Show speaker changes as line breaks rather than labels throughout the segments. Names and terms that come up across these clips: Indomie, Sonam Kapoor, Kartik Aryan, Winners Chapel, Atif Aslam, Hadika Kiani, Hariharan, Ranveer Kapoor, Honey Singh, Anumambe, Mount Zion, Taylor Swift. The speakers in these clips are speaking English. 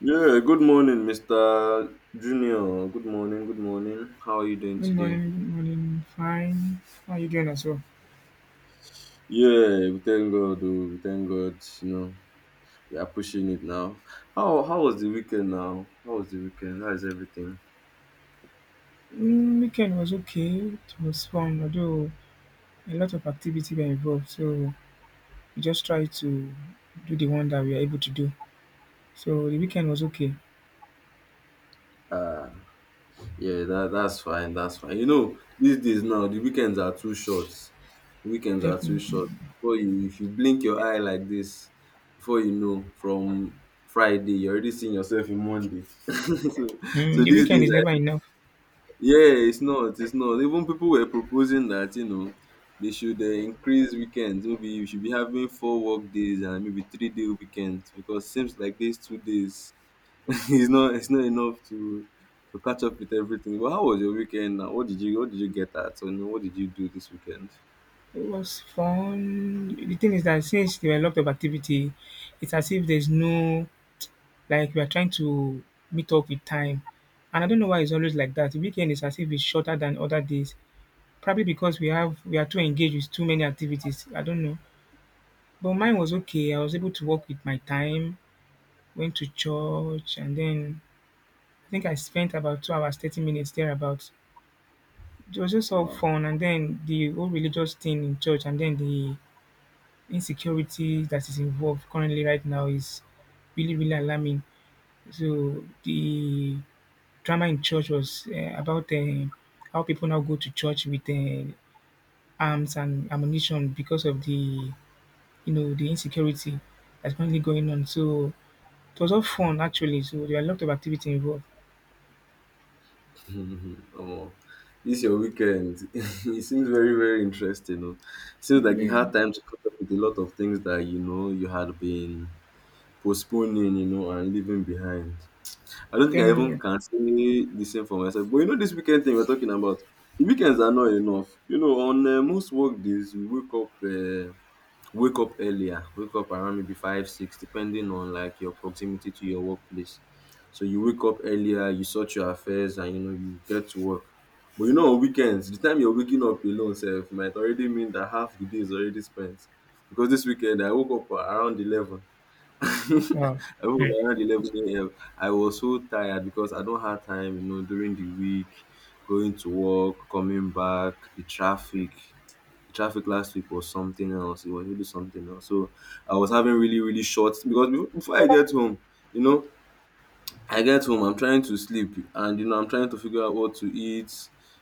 Yeah, good morning, Mr. Junior. Good morning, good morning. How are you doing
Good
today?
morning, good morning. Fine. How are you doing as well?
Yeah, we thank God, oh, we thank God. We are pushing it now. How was the weekend now? How was the weekend? How is everything?
Weekend was okay. It was fun, although a lot of activity were involved. So we just tried to do the one that we are able to do. So the weekend was okay.
Uh yeah, that's fine, that's fine. These days now the weekends are too short. Weekends are too
Definitely.
short. Before you if you blink your eye like this, before you know, from Friday, you're already seeing yourself in Monday. so so
The
these
weekend
days,
is never enough.
yeah, it's not. It's not. Even people were proposing that they should increase weekends. Maybe you should be having four work days and maybe three-day weekends because seems like these two days is not it's not enough to catch up with everything. But how was your weekend? Now? What did you get at? Or no, what did you do this weekend?
It was fun. The thing is that since there were a lot of activity, it's as if there's no, like we are trying to meet up with time. And I don't know why it's always like that. The weekend is as if it's shorter than other days. Probably because we are too engaged with too many activities. I don't know. But mine was okay. I was able to work with my time, went to church, and then I think I spent about 2 hours, 30 minutes thereabouts. It was just all
Wow.
fun, and then the whole religious thing in church, and then the insecurity that is involved currently right now is really, really alarming. So the drama in church was about how people now go to church with arms and ammunition because of the insecurity that's currently going on. So it was all fun actually. So there are a lot of activity involved.
oh, this your weekend. it seems very very interesting. Oh. Seems like you
Yeah,
had time to catch up with a lot of things that you had been postponing, and leaving behind. I
I'm
don't think I
telling
even
you.
can say the same for myself. But this weekend thing we're talking about, the weekends are not enough. On most work days, wake up earlier, wake up around maybe five, six, depending on like your proximity to your workplace. So you wake up earlier, you sort your affairs, and you get to work. But on weekends, the time you're waking up alone, self might already mean that half the day is already spent. Because this weekend I woke up around 11 I woke
Wow.
up
Hmm.
around 11 a.m. I was so tired because I don't have time, during the week, going to work, coming back, the traffic. The traffic last week was something else. It was really something else. So I was having really, really short because before I get home, you know, I get home I'm trying to sleep and I'm trying to figure out what to eat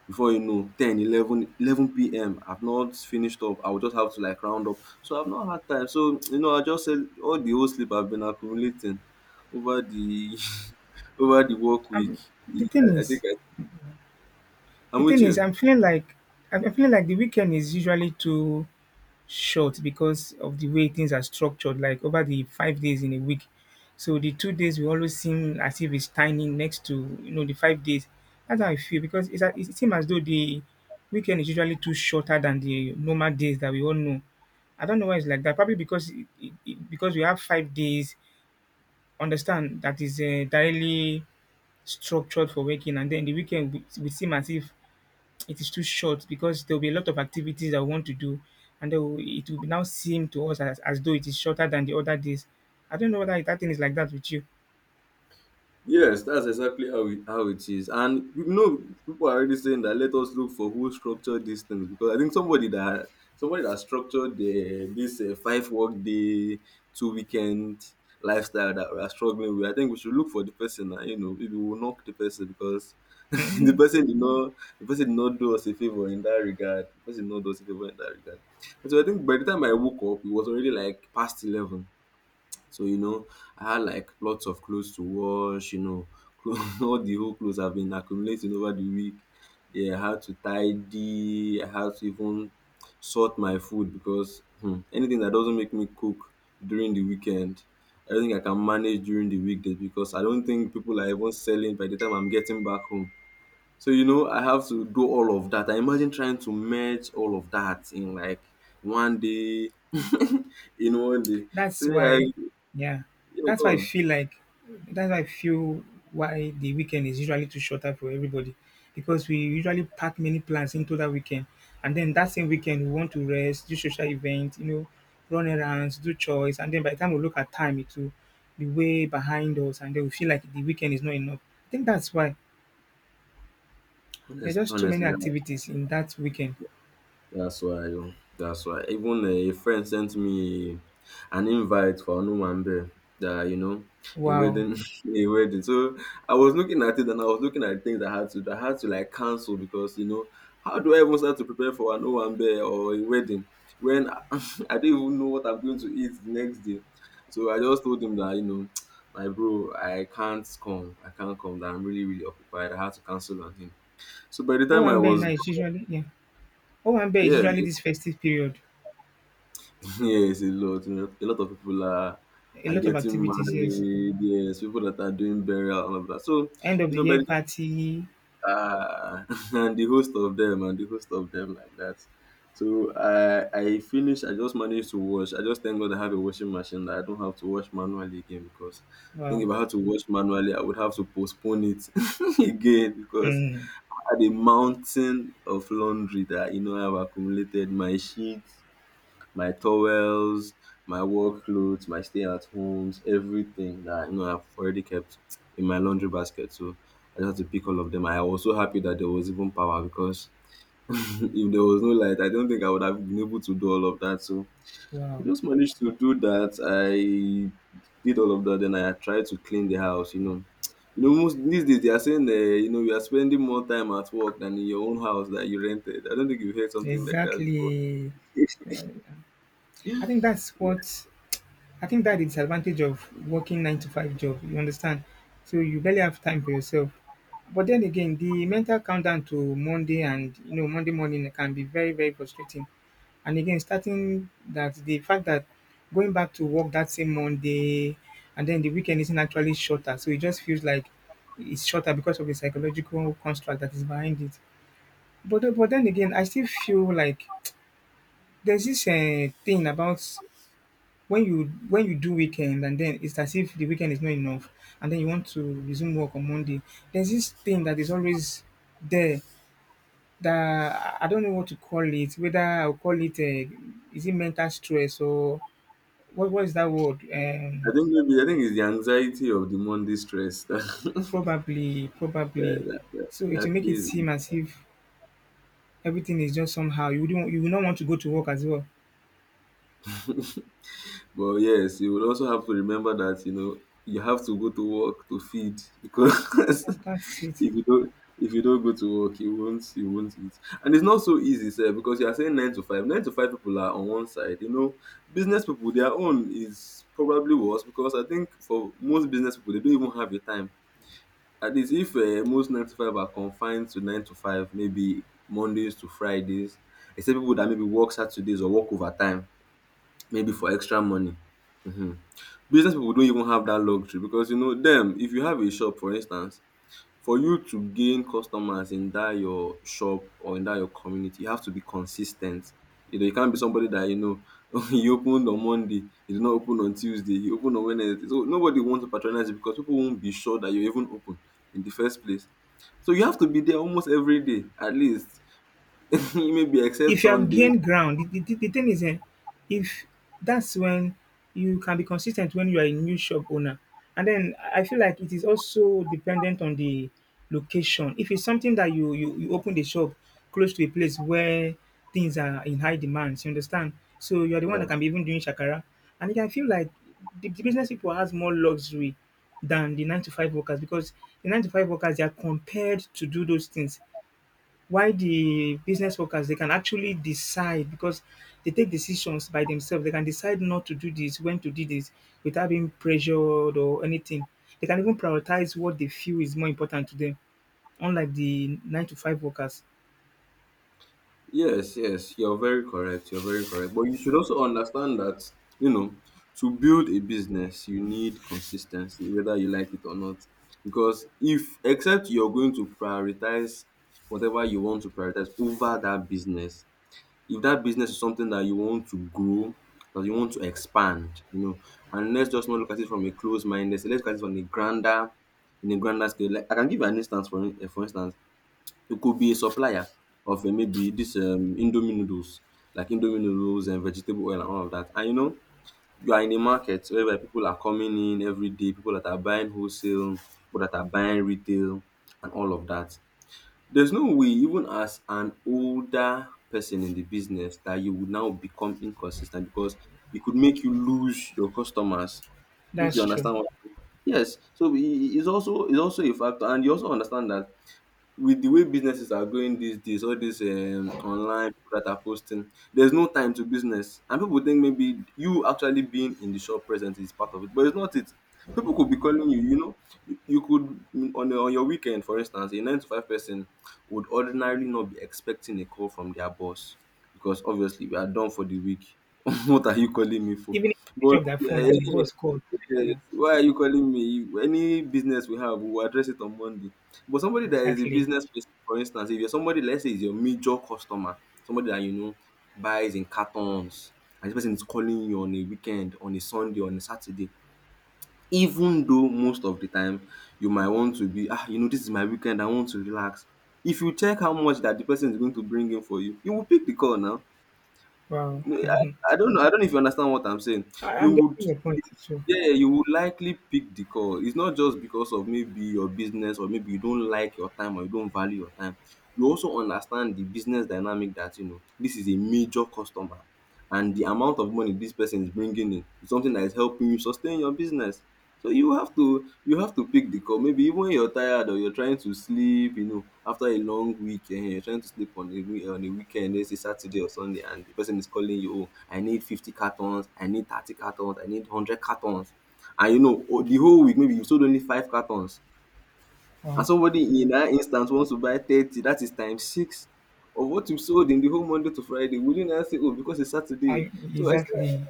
before you know ten 11:11 p.m. I've not finished up. I will just have to like round up, so I've not had time, so I just said all the whole sleep I've been accumulating over the over the work week.
Um, the thing
I think
is, the
I'm with
thing is,
you.
I'm feeling like I'm feeling like the weekend is usually too short because of the way things are structured, like over the 5 days in a week. So the 2 days will always seem as if it's tiny next to, the 5 days. That's how I feel because it seems as though the weekend is usually too shorter than the normal days that we all know. I don't know why it's like that. Probably because because we have 5 days. Understand that is directly structured for working, and then the weekend we seem as if it is too short because there will be a lot of activities that we want to do, and then it will now seem to us as though it is shorter than the other days. I don't know whether that thing is like that with you.
Yes, that's exactly how it is. And people are already saying that let us look for who structured these things because I think somebody that structured the this five work day, two weekend lifestyle that we are struggling with. I think we should look for the person. That, maybe we'll knock the person because the person did not do us a favor in that regard. The person did not do us a favor in that regard. And so I think by the time I woke up, it was already like past 11. So, I had like lots of clothes to wash, clo- all the whole clothes have been accumulated over the week. Yeah, I had to even sort my food because anything that doesn't make me cook during the weekend, I don't think I can manage during the weekdays because I don't think people are even selling by the time I'm getting back home. So, I have to do all of that. I imagine trying to merge all of that in like one day, in one day. So
That's
yeah, I
why, yeah,
yeah,
that's why I
go.
feel like that's why I feel why the weekend is usually too shorter for everybody because we usually pack many plans into that weekend, and then that same weekend we want to rest, do social events, run errands, do chores, and then by the time we look at time, it will be way behind us, and then we feel like the weekend is not enough. I think that's why there are
Honest,
just too many
honestly,
activities in that weekend.
that's why. Oh, that's why. Even a friend sent me an invite for Anumambe. That you know, a
Wow.
wedding, a wedding. So I was looking at it and I was looking at things I had to like cancel because how do I even start to prepare for Anumambe or a wedding when I don't even know what I'm going to eat the next day? So I just told him that my bro, I can't come. I can't come. That I'm really, really occupied. I had to cancel on him. So by the time I
Owambe now
was
is usually Yeah. Owambe is
yeah,
usually this festive period.
yeah, it's a lot. A lot of people are
A
are
lot of
getting
activities, yes.
married. Yes, people that are doing burial and all of that. So
End of the
by
year
the,
party.
uh, and the host of them and the host of them like that. So I finished. I just managed to wash. I just thank God I have a washing machine that I don't have to wash manually again because I think
Wow.
if I had to wash manually, I would have to postpone it again because
Hmm.
I had a mountain of laundry that I have accumulated. My sheets my towels, my work clothes, my stay at homes, everything that I've already kept in my laundry basket. So I just had to pick all of them. I was so happy that there was even power because if there was no light, I don't think I would have been able to do all of that. So I
Wow.
just managed to do that. I did all of that. Then I tried to clean the house. Most these days they are saying, you are spending more time at work than in your own house that you rented. I don't think you've heard something like that before.
Exactly. Yeah.
Yeah.
I think that's what I think that is the advantage of working nine to five job. You understand? So you barely have time for yourself. But then again, the mental countdown to Monday, and Monday morning can be very, very frustrating. And again, starting that the fact that going back to work that same Monday, and then the weekend isn't actually shorter. So it just feels like it's shorter because of the psychological construct that is behind it. But then again, I still feel like there's this thing about when you, do weekend, and then it's as if the weekend is not enough, and then you want to resume work on Monday. There's this thing that is always there that I don't know what to call it. Whether I'll call it is it mental stress or what is that word?
I think it's the anxiety of the Monday stress that
Probably,
that,
probably.
that, that
So it will
that
make it
plays in.
seem as if everything is just somehow. You will not want to go to work as well.
But yes, you will also have to remember that you have to go to work to feed because
And that's it.
if you don't go to work, you won't eat. And it's not so easy, sir, because you are saying nine to five. Nine to five people are on one side. Business people their own is probably worse because I think for most business people they don't even have a time. At least if most nine to five are confined to nine to five, maybe Mondays to Fridays, except people that maybe work Saturdays or work overtime, maybe for extra money. hmm Business people don't even have that luxury because you know them. If you have a shop, for instance, for you to gain customers in that your shop or in that your community, you have to be consistent. You can't be somebody that he opened on Monday, he did not open on Tuesday, he opened on Wednesday. So nobody wants to patronize you because people won't be sure that you're even open in the first place. So you have to be there almost every day, at least maybe except
If you have
Sundays.
gained ground, the thing is, if that's when you can be consistent when you are a new shop owner. And then I feel like it is also dependent on the location. If it's something that you open the shop close to a place where things are in high demand, you understand? So you are the one that
Yeah.
can be even doing shakara. And again, I feel like the business people has more luxury than the nine to five workers because the nine to five workers, they are compelled to do those things. Why the business workers, they can actually decide because they take decisions by themselves. They can decide not to do this, when to do this without being pressured or anything. They can even prioritize what they feel is more important to them, unlike the nine to five workers.
Yes, yes, you're very correct. You're very correct. But you should also understand that, you know, to build a business, you need consistency, whether you like it or not. Because if, except you're going to prioritize whatever you want to prioritize over that business, if that business is something that you want to grow, that you want to expand, and let's just not look at it from a closed minded, let's look at it from a grander in a grander scale. Like I can give you an instance for instance. You could be a supplier of maybe this Indomie noodles, like Indomie noodles and vegetable oil and all of that. And you are in a market whereby people are coming in every day, people that are buying wholesale, people that are buying retail, and all of that. There's no way, even as an older person in the business, that you would now become inconsistent because it could make you lose your customers. If
That's
you
true.
understand what I mean. Yes, so it's also a factor, and you also understand that with the way businesses are going these days, all these online people that are posting, there's no time to business. And people think maybe you actually being in the shop present is part of it, but it's not it. People could be calling you, you could on your weekend, for instance, a nine to five person would ordinarily not be expecting a call from their boss because obviously we are done for the week. what are you calling me for?
Even if they
But
pick up their
yeah,
phone and the
yeah,
boss called.
yes.
Yeah,
Why are you calling me? Any business we have, we'll address it on Monday. But somebody that is a
exactly.
business person, for instance, if you're somebody, let's say, is your major customer, somebody that you know buys in cartons, and this person is calling you on a weekend, on a Sunday, on a Saturday, even though most of the time you might want to be, this is my weekend, I want to relax. If you check how much that the person is going to bring in for you, you will pick the call now.
Wow.
I, I don't know. I don't know if you understand what I'm saying. You
I'm
would,
getting your point too.
yeah, you would likely pick the call. It's not just because of maybe your business or maybe you don't like your time or you don't value your time. You also understand the business dynamic that you know this is a major customer, and the amount of money this person is bringing in is something that is helping you sustain your business. So you have to pick the call. Maybe even when you're tired or you're trying to sleep, you know, after a long week, you're trying to sleep on a on a weekend, let's say Saturday or Sunday, and the person is calling you, oh, I need 50 cartons, I need 30 cartons, I need 100 cartons. And you know, oh, the whole week, maybe you sold only five cartons. And
Wow.
somebody in that instance wants to buy 30, that is times six of what you sold in the whole Monday to Friday. Wouldn't I say, oh, because it's Saturday.
I
So I
Exactly.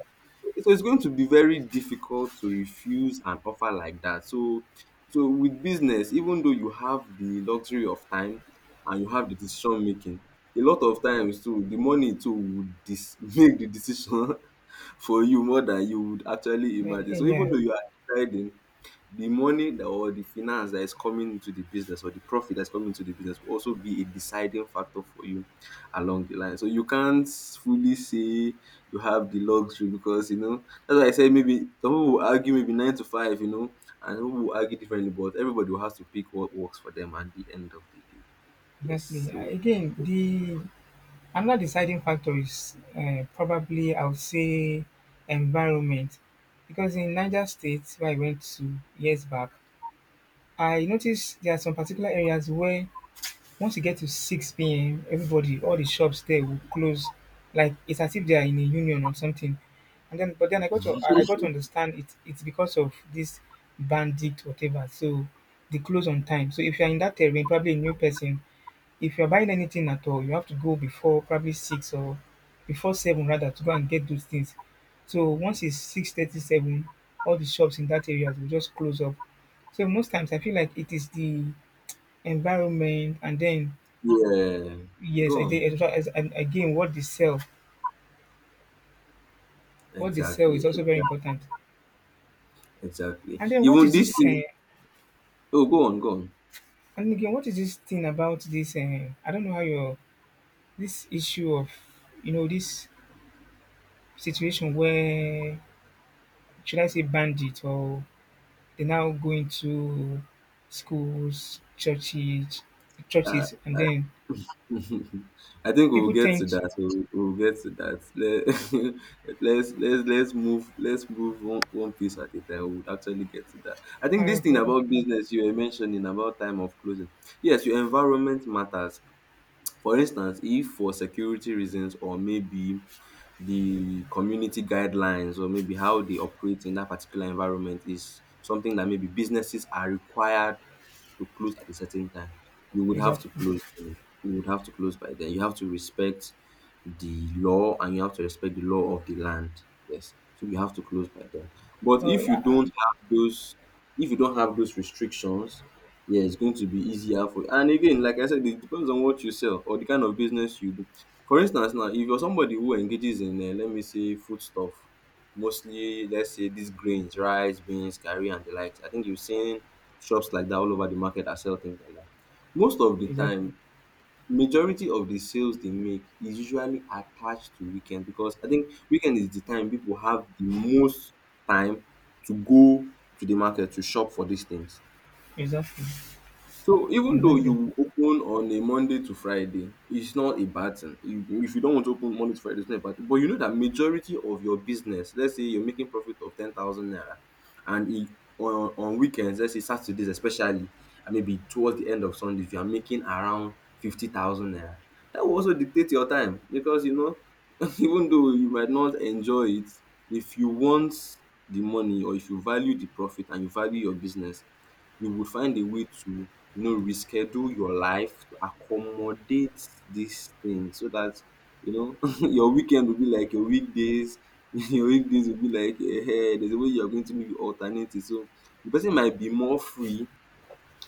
so it's going to be very difficult to refuse an offer like that. So with business, even though you have the luxury of time and you have the decision making, a lot of times too, the money too would make the decision for you more than you would actually imagine. So even
Yeah,
though you are deciding, or the finance that is coming into the business or the profit that's coming into the business will also be a deciding factor for you along the line. So you can't fully say you have the luxury because you know that's why I said maybe some people will argue maybe nine to five, you know, and some people will argue differently, but everybody will have to pick what works for them at the end of the day. Yes.
exactly.
So
Again, the another deciding factor is probably I would say environment because in Niger State where I went to years back, I noticed there are some particular areas where once you get to 6 p.m., everybody, all the shops there will close. Like it's as if they are in a union or something. And then, but then I got to understand it. It's because of this bandit whatever. So they close on time. So if you are in that terrain, probably a new person, if you're buying anything at all, you have to go before probably 6 or before seven rather to go and get those things. So once it's six thirty seven, all the shops in that area will just close up. So most times I feel like it is the environment, and then
yeah.
yes,
Go
I
on.
did as well as, and again what they sell. What they sell is
Exactly.
also very
Exactly.
important.
Exactly.
And then what
Even
is
this
this
thing. Oh, go on. Go on.
and again what is this thing about this I don't know how your, this issue of, this situation where, should I say, bandit or, they now go into schools,
Uh,
churches, and then
I think we'll
people
get to
tend to.
that. We'll get to that. Let's let's move one piece at a time. We'll actually get to that. I
Oh,
think this
okay,
thing about
okay.
business you were mentioning about time of closing. Yes, your environment matters. For instance, if for security reasons or maybe the community guidelines or maybe how they operate in that particular environment is something that maybe businesses are required to close at a certain time, you would have to
Exactly.
close them. You would have to close by then. You have to respect the law and you have to respect the law of the land. Yes. So you have to close by then. But
Oh, yeah.
if you don't have those restrictions, yeah, it's going to be easier for you. And again, like I said, it depends on what you sell or the kind of business you do. For instance, now if you're somebody who engages in let me say food stuff, mostly let's say these grains, rice, beans, curry, and the likes. I think you've seen shops like that all over the market that sell things like that. Most of the
Exactly.
time, majority of the sales they make is usually attached to weekend because I think weekend is the time people have the most time to go to the market to shop for these things,
Exactly.
so even though
Exactly.
you open on a Monday to Friday, it's not a bad thing. If you don't want to open Monday to Friday, it's not a bad thing. But you know that majority of your business, let's say you're making profit of 10,000 naira, and on weekends, let's say Saturdays especially, and maybe towards the end of Sundays, you are making around 50,000 naira. That will also dictate your time because you know, even though you might not enjoy it, if you want the money or if you value the profit and you value your business, you will find a way to you know reschedule your life to accommodate this thing so that you know your weekend will be like your weekdays, your weekdays will be like there's a way you're going to maybe alternate it. So the person might be more free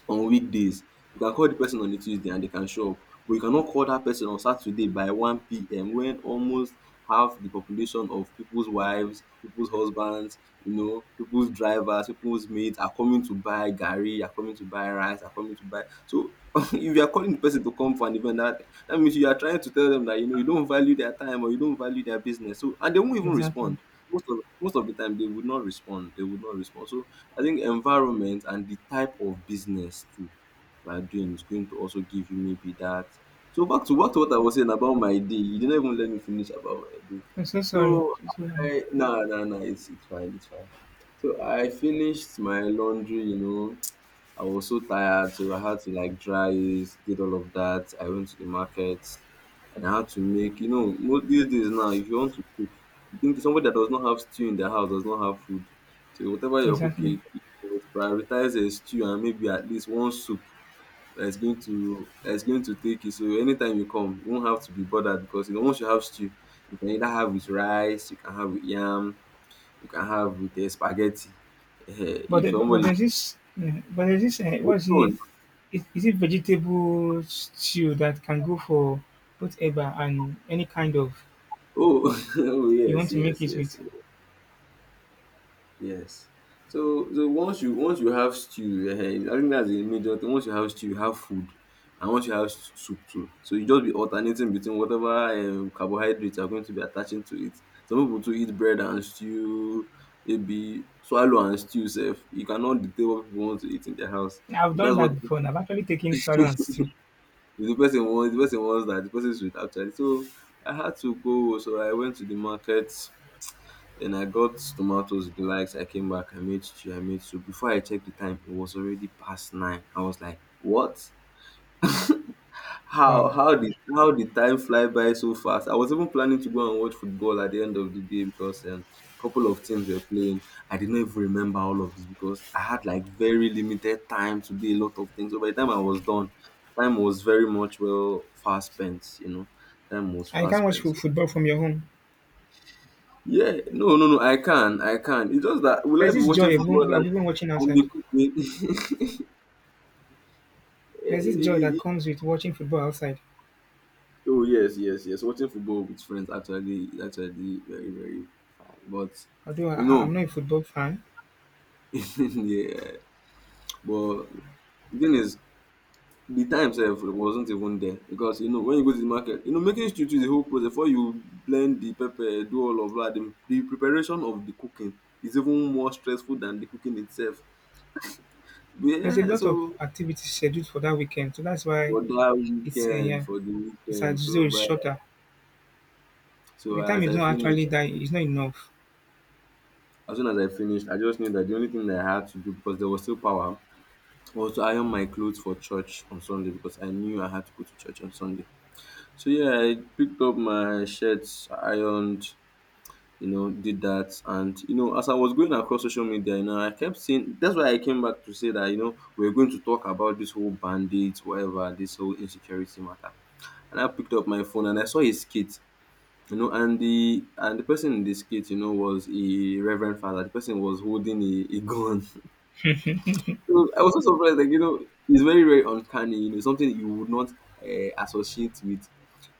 on weekdays. You can call the person on a Tuesday and they can show up, but you cannot call that person on Saturday by 1 p.m. when almost half the population of people's wives, people's husbands, you know, people's drivers, people's mates are coming to buy garri, are coming to buy rice, are coming to buy. So if you are calling the person to come for an event, that means you are trying to tell them that you know you don't value their time or you don't value their business. So and they won't even
Exactly.
respond. Most of the time they would not respond. They would not respond. So I think environment and the type of business too you are doing is going to also give you maybe that. So back to what I was saying about my day. You didn't even let me finish about my day.
I'm so sorry.
So
So sorry.
I, no, no, no, it's fine, it's fine. So I finished my laundry, you know. I was so tired, so I had to like dry it, did all of that. I went to the market and I had to make, you know, most these days now, if you want to cook, you think somebody that does not have stew in their house does not have food. So whatever you're
Exactly.
cooking, you must prioritize a stew and maybe at least one soup that's going to take it. So anytime you come, you won't have to be bothered because you know, once you have stew, you can either have with rice, you can have with yam, you can have with spaghetti. Eh,
But
if
the- but
somebody.
there's this Yeah, but there's this what is it? Is it vegetable stew that can go for both eba and any kind of
Oh, oh
you want
yes,
to make
yes,
it
yes,
with?
yes. So, once you have stew, eh, I think that's the major thing. Once you have stew, you have food, and once you have soup too. So you just be alternating between whatever carbohydrates are going to be attaching to it. Some people to eat bread and stew, maybe swallow and stew. Self, you cannot dictate what people want to eat in their house.
I've
If
done
that's what
that before. And I've actually taken swallow and stew.
if the person wants, the person wants that the person should actually. So I had to go. So I went to the market. Then I got tomatoes, the likes. I came back, I made stew, I made soup. Before I checked the time, it was already past nine. I was like, what?
Wow.
How did time fly by so fast? I was even planning to go and watch football at the end of the day because a couple of teams were playing. I did not even remember all of this because I had like very limited time to do a lot of things. So by the time I was done, time was very much well fast spent, you know. Time was
And you
fast
can't watch
spent.
football from your home.
Yeah, no, no, no. I can. It's just that will I
There's
be
this
watching
joy of,
football
of even watching
and
outside.
be cooking? Eh,
There's this joy
eh,
that
eh.
comes with watching football outside.
Oh yes, yes, yes. Watching football with friends actually is actually very, very fine. But
Although
you
I'm
know,
not a football fan,
yeah. But the thing is, the time itself wasn't even there because you know when you go to the market, you know making stew is the whole process. Before you blend the pepper, do all of that, the preparation of the cooking is even more stressful than the cooking itself.
there's a
Yeah,
lot of
so
activities scheduled for that weekend, so that's why it's, yeah,
for the
it's
weekend.
as though it's shorter.
So
The time is not actually that it's not enough.
as soon as I finished, I just knew that the only thing that I had to do because there was still power was to iron my clothes for church on Sunday because I knew I had to go to church on Sunday. So yeah, I picked up my shirts, ironed, you know, did that, and you know, as I was going across social media, you know, I kept seeing. That's why I came back to say that you know we're going to talk about this whole bandits, whatever, this whole insecurity matter. And I picked up my phone and I saw his skit. And the person in this skit was a reverend father. The person was holding a gun so I was so surprised, like, you know, it's very, very uncanny. Something you would not associate with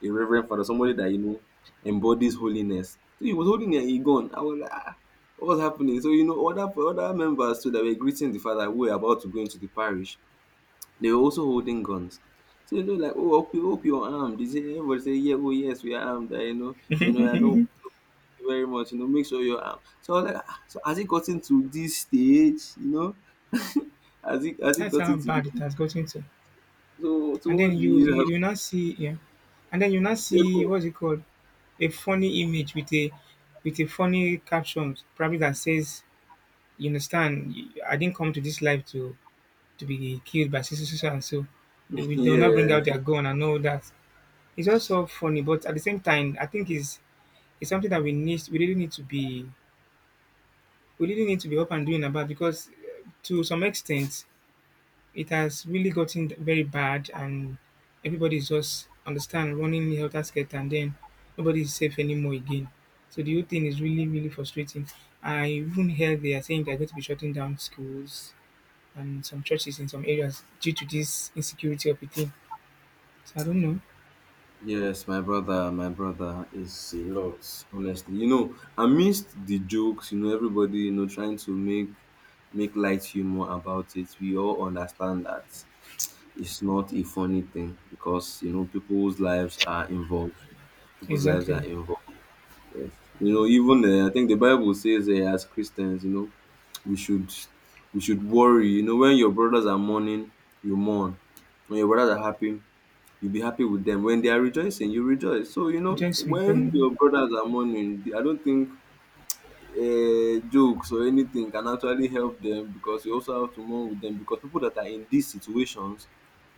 a reverend father, somebody that embodies holiness. So he was holding a gun. I was like, ah, what was happening? So, other members too that were greeting the father, who were about to go into the parish, they were also holding guns. So, like, oh, hope you're armed. Is it? Everybody say, yeah, oh yes, we are armed. I know. So no, I know. Thank you very much. Make sure you're armed. So I was like, ah, so has it gotten to this stage, has it
That's how
gotten to this?
bad it has gotten to.
So to
And then
what do you have?
you now see, yeah, and then you now
Yeah,
see,
bro.
what's it called, a funny image with a funny caption probably that says, you understand, I didn't come to this life to be killed by so, so, so, so, and so. They will not
Yeah.
bring out their gun and all that. It's also funny, but at the same time, I think it's something that we really need to be up and doing about because to some extent, it has really gotten very bad, and everybody's just, understand, running helter skelter, and then nobody is safe anymore again. So the whole thing is really, really frustrating. I even heard they are saying they're going to be shutting down schools and some churches in some areas due to this insecurity of a thing. So I don't know.
Yes, my brother is a lot, honestly. Amidst the jokes, everybody, trying to make light humor about it. We all understand that it's not a funny thing, because you know people's lives are involved. People's lives are
Exactly.
involved. Yes. Even, I think the Bible says, as Christians, we should we should worry. You know, when your brothers are mourning, you mourn. When your brothers are happy, you be happy with them. When they are rejoicing, you rejoice. So,
Just with
when
them.
your brothers are mourning, I don't think jokes or anything can actually help them, because you also have to mourn with them, because people that are in these situations,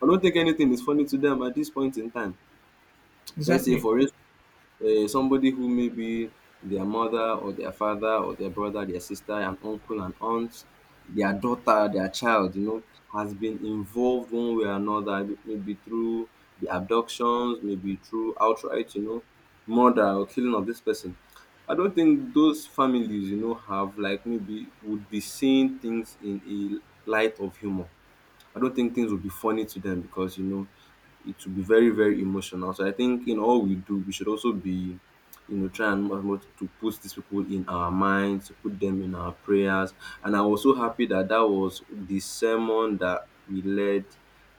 I don't think anything is funny to them at this point in time. Let's say,
Exactly.
for instance, somebody who maybe their mother or their father or their brother, their sister, an uncle, an aunt, their daughter, their child, you know, has been involved one way or another, maybe through the abductions, maybe through outright, murder or killing of this person. I don't think those families have, like, maybe would be seeing things in a light of humor. I don't think things will be funny to them, because it will be very, very emotional. So I think in all we do, we should also be, try and as much to put these people in our minds, to put them in our prayers. And I'm also happy that that was the sermon that we led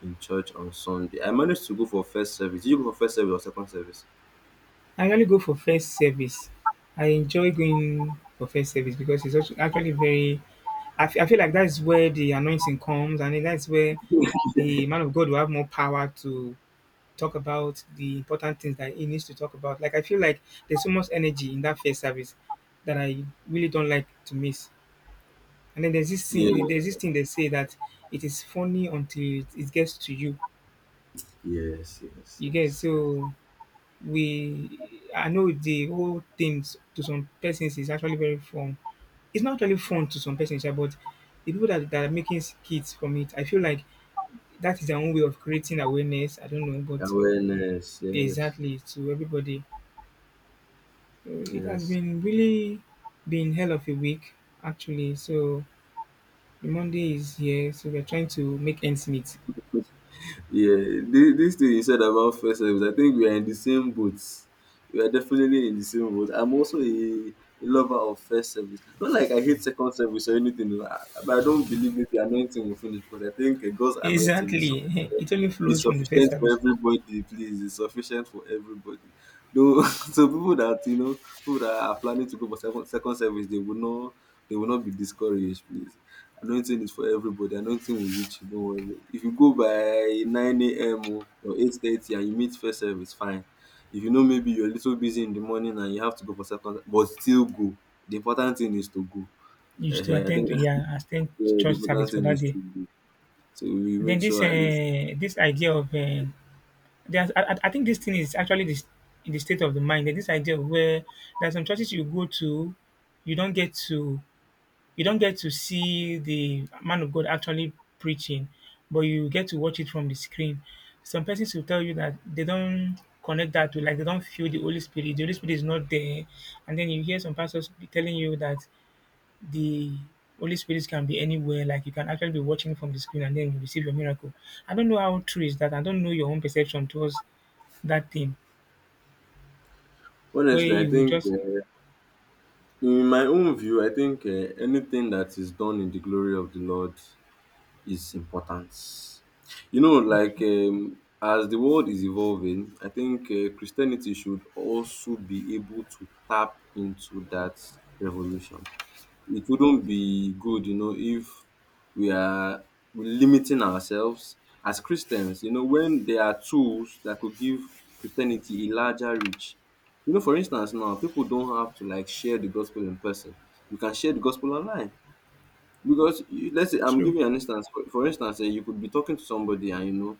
in church on Sunday. I managed to go for first service. Did you go for first service or second service?
I really go for first service. I enjoy going for first service because it's actually very. I feel like that's where the anointing comes, and then that's where the man of God will have more power to talk about the important things that he needs to talk about. Like, I feel like there's so much energy in that first service that I really don't like to miss. And then
Yeah.
there's this thing they say that it is funny until it gets to you.
Yes, yes,
You get
yes, yes.
so we I know the whole thing, to some persons, is actually very fun. It's not really fun to some persons, yeah, but the people that are making skits from it, I feel like that is their own way of creating awareness. I don't know, but
Awareness, yes,
exactly to everybody. So it has
yes.
been hell of a week actually. So the Monday is here, so we're trying to make ends meet.
Yeah, this thing you said about first service, I think we are in the same boat. We are definitely in the same boat. I'm also a lover of first service. Not like I hate second service or anything, no, but I don't believe maybe anointing will finish, because I think a God's anointing is
Exactly. It only
it's
flows from the first
sufficient for
service.
everybody, please. It's sufficient for everybody. Though, so people that, you know, people that are planning to go for second service, they will not be discouraged, please. Anointing is for everybody. Anointing will reach you. Don't worry. If you go by 9 a.m. or 8:30 and you meet first service, fine. If you know maybe you're a little busy in the morning and you have to go for second, but still go. The important thing is to go.
You used to
uh I
attend
think
to, yeah, attend
yeah, the
church
important
service for
thing
that
is
day.
to go. So we
Then
make
this
sure at least.
this idea of there's I think this thing is actually this in the state of the mind. Then this idea of where there's some churches you go to, you don't get to you don't get to see the man of God actually preaching, but you get to watch it from the screen. Some persons will tell you that they don't connect that to, like they don't feel the Holy Spirit. The Holy Spirit is not there, and then you hear some pastors be telling you that the Holy Spirit can be anywhere. Like you can actually be watching from the screen and then you receive your miracle. I don't know how true is that. I don't know your own perception towards that thing where
Honestly, I
you will
think.
just,
In my own view, I think, anything that is done in the glory of the Lord is important. Like,
okay,
as the world is evolving, I think, Christianity should also be able to tap into that revolution. It wouldn't be good, you know, if we are limiting ourselves as Christians, you know, when there are tools that could give Christianity a larger reach. For instance, now people don't have to, like, share the gospel in person. You can share the gospel online. Because you, let's say, I'm
true.
giving you an instance. For instance, you could be talking to somebody, and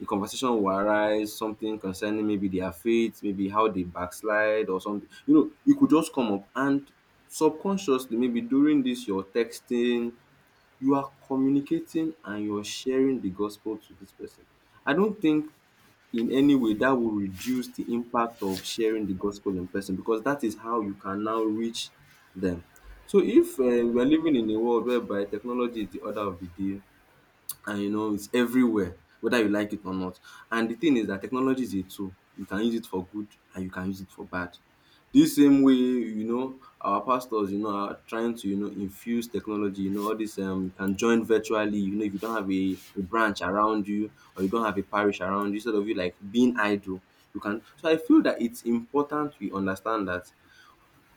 a conversation will arise, something concerning maybe their faith, maybe how they backslide or something. It could just come up, and subconsciously, maybe during this your texting, you are communicating and you're sharing the gospel to this person. I don't think in any way that will reduce the impact of sharing the gospel in person, because that is how you can now reach them. So if we are living in a world whereby technology is the order of the day, and it's everywhere whether you like it or not, and the thing is that technology is a tool, you can use it for good and you can use it for bad. This same way, you know, our pastors, you know, are trying to, you know, infuse technology, you know, all this, you can join virtually, you know, if you don't have a branch around you or you don't have a parish around you instead of you like being idle, you can so I feel that it's important we understand that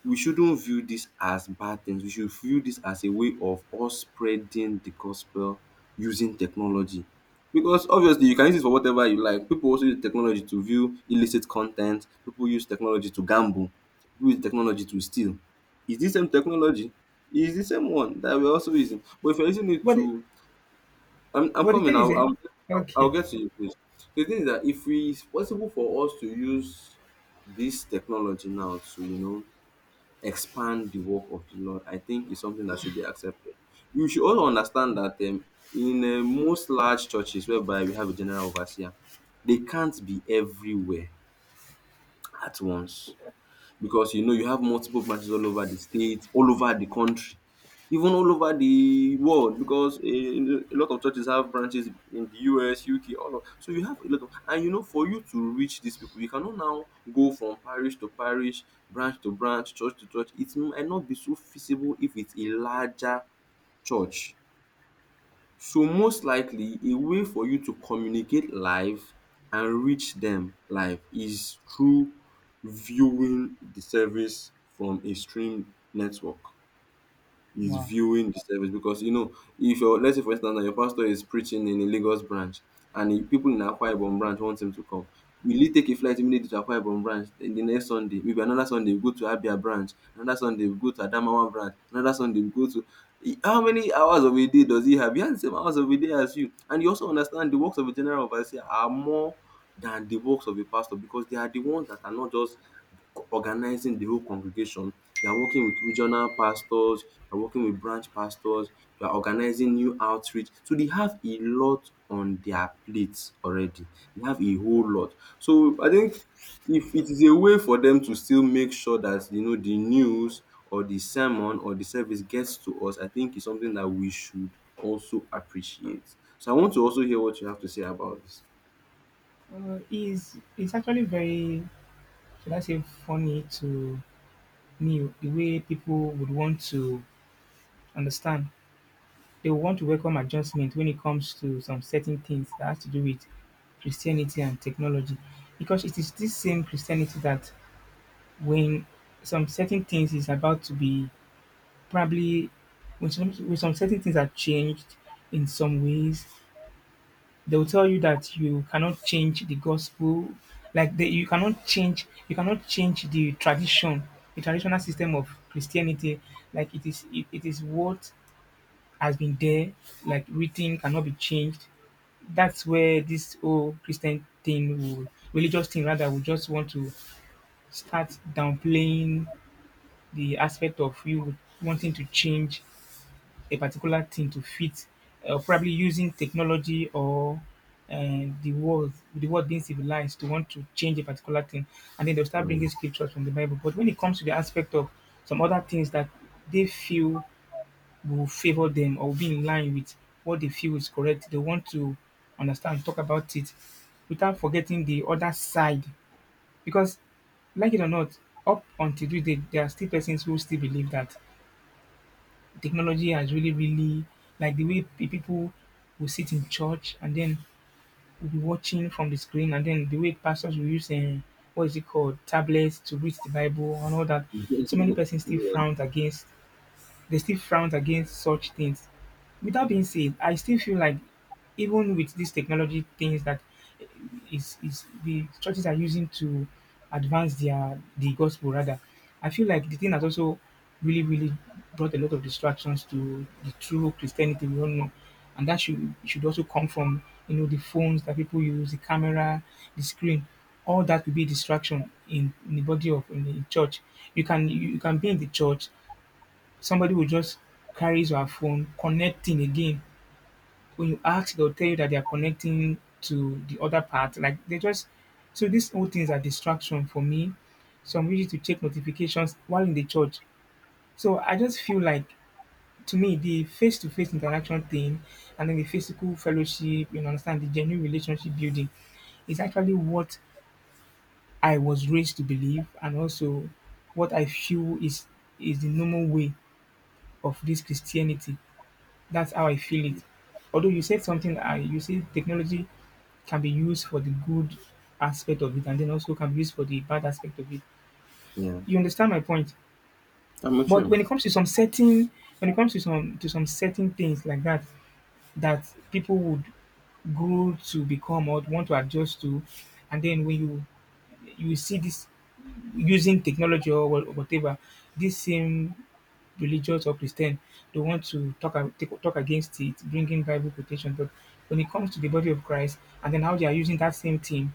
we shouldn't view this as bad things. We should view this as a way of us spreading the gospel using technology. Because obviously you can use it for whatever you like. People also use technology to view illicit content. People use technology to gamble. People use technology to steal. Is this same technology? Is the same one that we're also using. But if you're using it
But the,
to I'm
but the
coming,
thing is,
I'll
okay,
get to you, please. The thing is that if we it's possible for us to use this technology now to, you know, expand the work of the Lord, I think is something that should be accepted. You should also understand that, in most large churches whereby we have a general overseer, they can't be everywhere at once, because you know you have multiple branches all over the state, all over the country, even all over the world. Because a lot of churches have branches in the US, UK, all of so you have a lot of, and for you to reach these people, you cannot now go from parish to parish, branch to branch, church to church. It might not be so feasible if it's a larger church. So most likely a way for you to communicate live and reach them live is through viewing the service from a stream network, is
wow,
viewing the service, because you know, if your, let's say for instance now your pastor is preaching in a Lagos branch, and the people in Akwa Ibom branch want him to come, will he take a flight immediately to Akwa Ibom branch, then the next Sunday, maybe another Sunday he go to Abia branch, another Sunday he go to Adamawa branch, another Sunday he go to how many hours of a day does he have? He has the same hours of a day as you, and you also understand the works of a general overseer are more than the works of a pastor, because they are the ones that are not just organizing the whole congregation. You are working with regional pastors, you are working with branch pastors, you are organizing new outreach. So they have a lot on their plates already. They have a whole lot. So I think if it is a way for them to still make sure that you know the news or the sermon or the service gets to us, I think it's something that we should also appreciate. So I want to also hear what you have to say about this.
is it's actually very, should I say funny to me the way people would want to understand, they will want to welcome adjustment when it comes to some certain things that has to do with Christianity and technology. Because it is this same Christianity that when some certain things is about to be, probably when some certain things are changed in some ways, they will tell you that you cannot change the gospel, you cannot change the tradition, the traditional system of Christianity. Like it is what has been there, like written cannot be changed. That's where this whole Christian thing, will, religious thing rather, will just want to start downplaying the aspect of you wanting to change a particular thing to fit, probably using technology, or the world being civilized, to want to change a particular thing, and then they'll start bringing
Mm.
scriptures from the Bible. But when it comes to the aspect of some other things that they feel will favor them or will be in line with what they feel is correct, they want to understand, talk about it without forgetting the other side. Because, like it or not, up until today, there are still persons who still believe that technology has really, really, like the way people will sit in church and then will be watching from the screen, and then the way pastors will use, what is it called, tablets to read the Bible and all that. So many persons still frown against such things. With that being said, I still feel like even with these technology things that is the churches are using to advance the gospel rather, I feel like the thing has also really, really brought a lot of distractions to the true Christianity we all know, and that should also come from the phones that people use, the camera, the screen. All that could be distraction in the body of, in the church. You can be in the church, somebody will just carry your phone, connecting again. When you ask, they'll tell you that they are connecting to the other part. Like they just, so these whole things are distraction for me. So I'm ready to check notifications while in the church. So I just feel like to me the face to face interaction thing, and then the physical fellowship, understand, the genuine relationship building is actually what I was raised to believe, and also what I feel is the normal way of this Christianity. That's how I feel it. Although you said something, I you say technology can be used for the good aspect of it, and then also can be used for the bad aspect of it.
Yeah.
You understand my point?
I'm with
But
you.
when it comes to some certain, when it comes to some certain things like that, that people would grow to become or want to adjust to, and then when you see this using technology or whatever, this same religious or Christian, they want to talk against it, bringing Bible quotation. But when it comes to the body of Christ, and then how they are using that same thing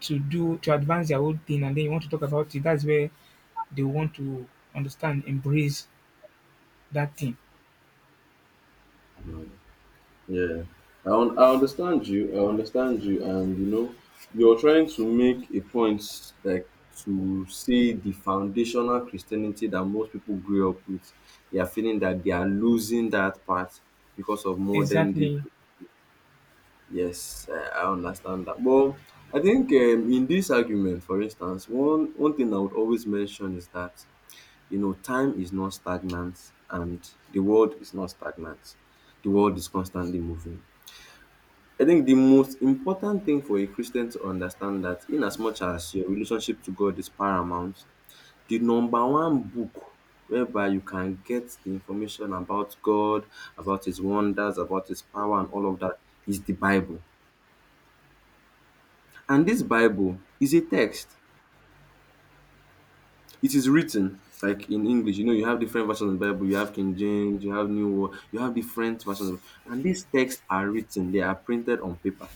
to advance their own thing, and then you want to talk about it, that's where they want to understand, embrace that thing.
Yeah, I understand you. I understand you, and you know, you're trying to make a point, like, to see the foundational Christianity that most people grew up with. They are feeling that they are losing that part because of modern day.
Exactly.
Yes, I understand that. But I think, in this argument, for instance, one thing I would always mention is that you know time is not stagnant, and the world is not stagnant. The world is constantly moving. I think the most important thing for a Christian to understand that in as much as your relationship to God is paramount, the number one book whereby you can get the information about God, about his wonders, about his power and all of that is the Bible. And this Bible is a text. It is written, like, in English, you know, you have different versions of the Bible. You have King James, you have New World, you have different versions of and these texts are written, they are printed on paper.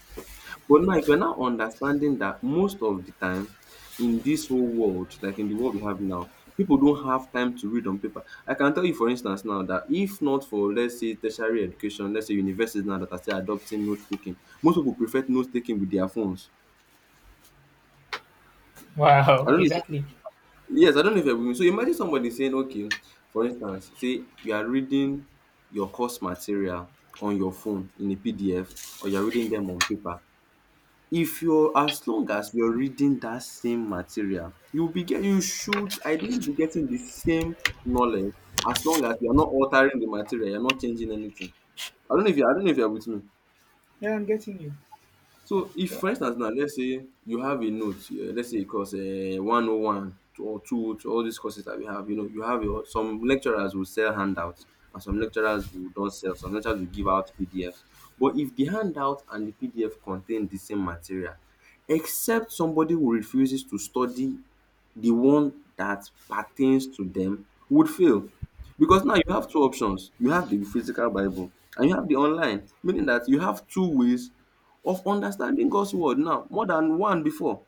But now, if you're now understanding that most of the time in this whole world, like in the world we have now, people don't have time to read on paper. I can tell you, for instance, now that if not for, let's say, tertiary education, let's say universities now that are still adopting note taking, most people prefer note taking with their phones. I
Wow.
don't know. If,
Exactly.
yes, I don't know if you're with me. So imagine somebody saying, okay, for instance, say you are reading your course material on your phone in a PDF or you're reading them on paper. If you're as long as you're reading that same material, you'll be get you should ideally be getting the same knowledge as long as you're not altering the material, you're not changing anything. I don't know if you're with me.
Yeah, I'm getting you.
So if,
So,
for
but
instance now, let's say you have a note, let's say a course 101 to- or 202, all these courses that we have, you know, you have your, some lecturers will sell handouts and some lecturers will don't sell, some lecturers will give out PDFs. But if the handout and the PDF contain the same material, except somebody who refuses to study the one that pertains to them would fail. Because now you have two options. You have the physical Bible and you have the online, meaning that you have two ways of understanding God's word now, more than one before.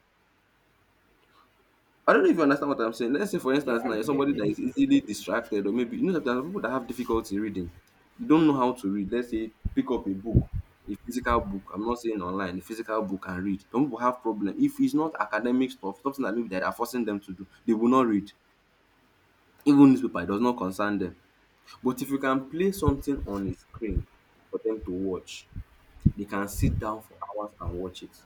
I don't know if you understand what I'm saying. Let's say, for
yeah,
instance, now
I'm,
you're
yeah,
somebody that is
yes.
easily distracted, or maybe you know that people that have difficulty reading. They don't know how to read. Let's say, pick up a book, a physical book. I'm not saying online, a physical book and read. Some people have problem. If it's not academic stuff, something that maybe that are forcing them to do, they will not read. Even newspaper, it does not concern them. But if you can play something on a screen for them to watch, they can sit down for hours and watch it.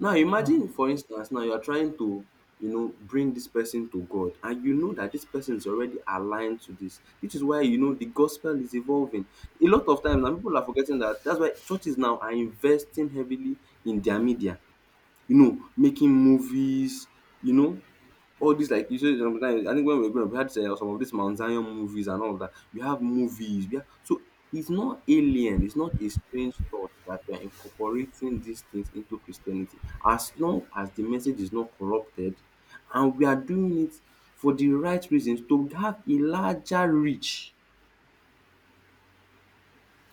Now
Wow.
imagine, for instance, now you are trying to, you know, bring this person to God, and you know that this person is already aligned to this. Which is why you know the gospel is evolving. A lot of times, and people are forgetting that. That's why churches now are investing heavily in their media, you know, making movies, you know, all these like you said sometimes I think when we were growing up we had some of these Mount Zion movies and all of that. We have movies, we have so it's not alien, it's not a strange thought that we are incorporating these things into Christianity as long as the message is not corrupted and we are doing it for the right reasons to have a larger reach.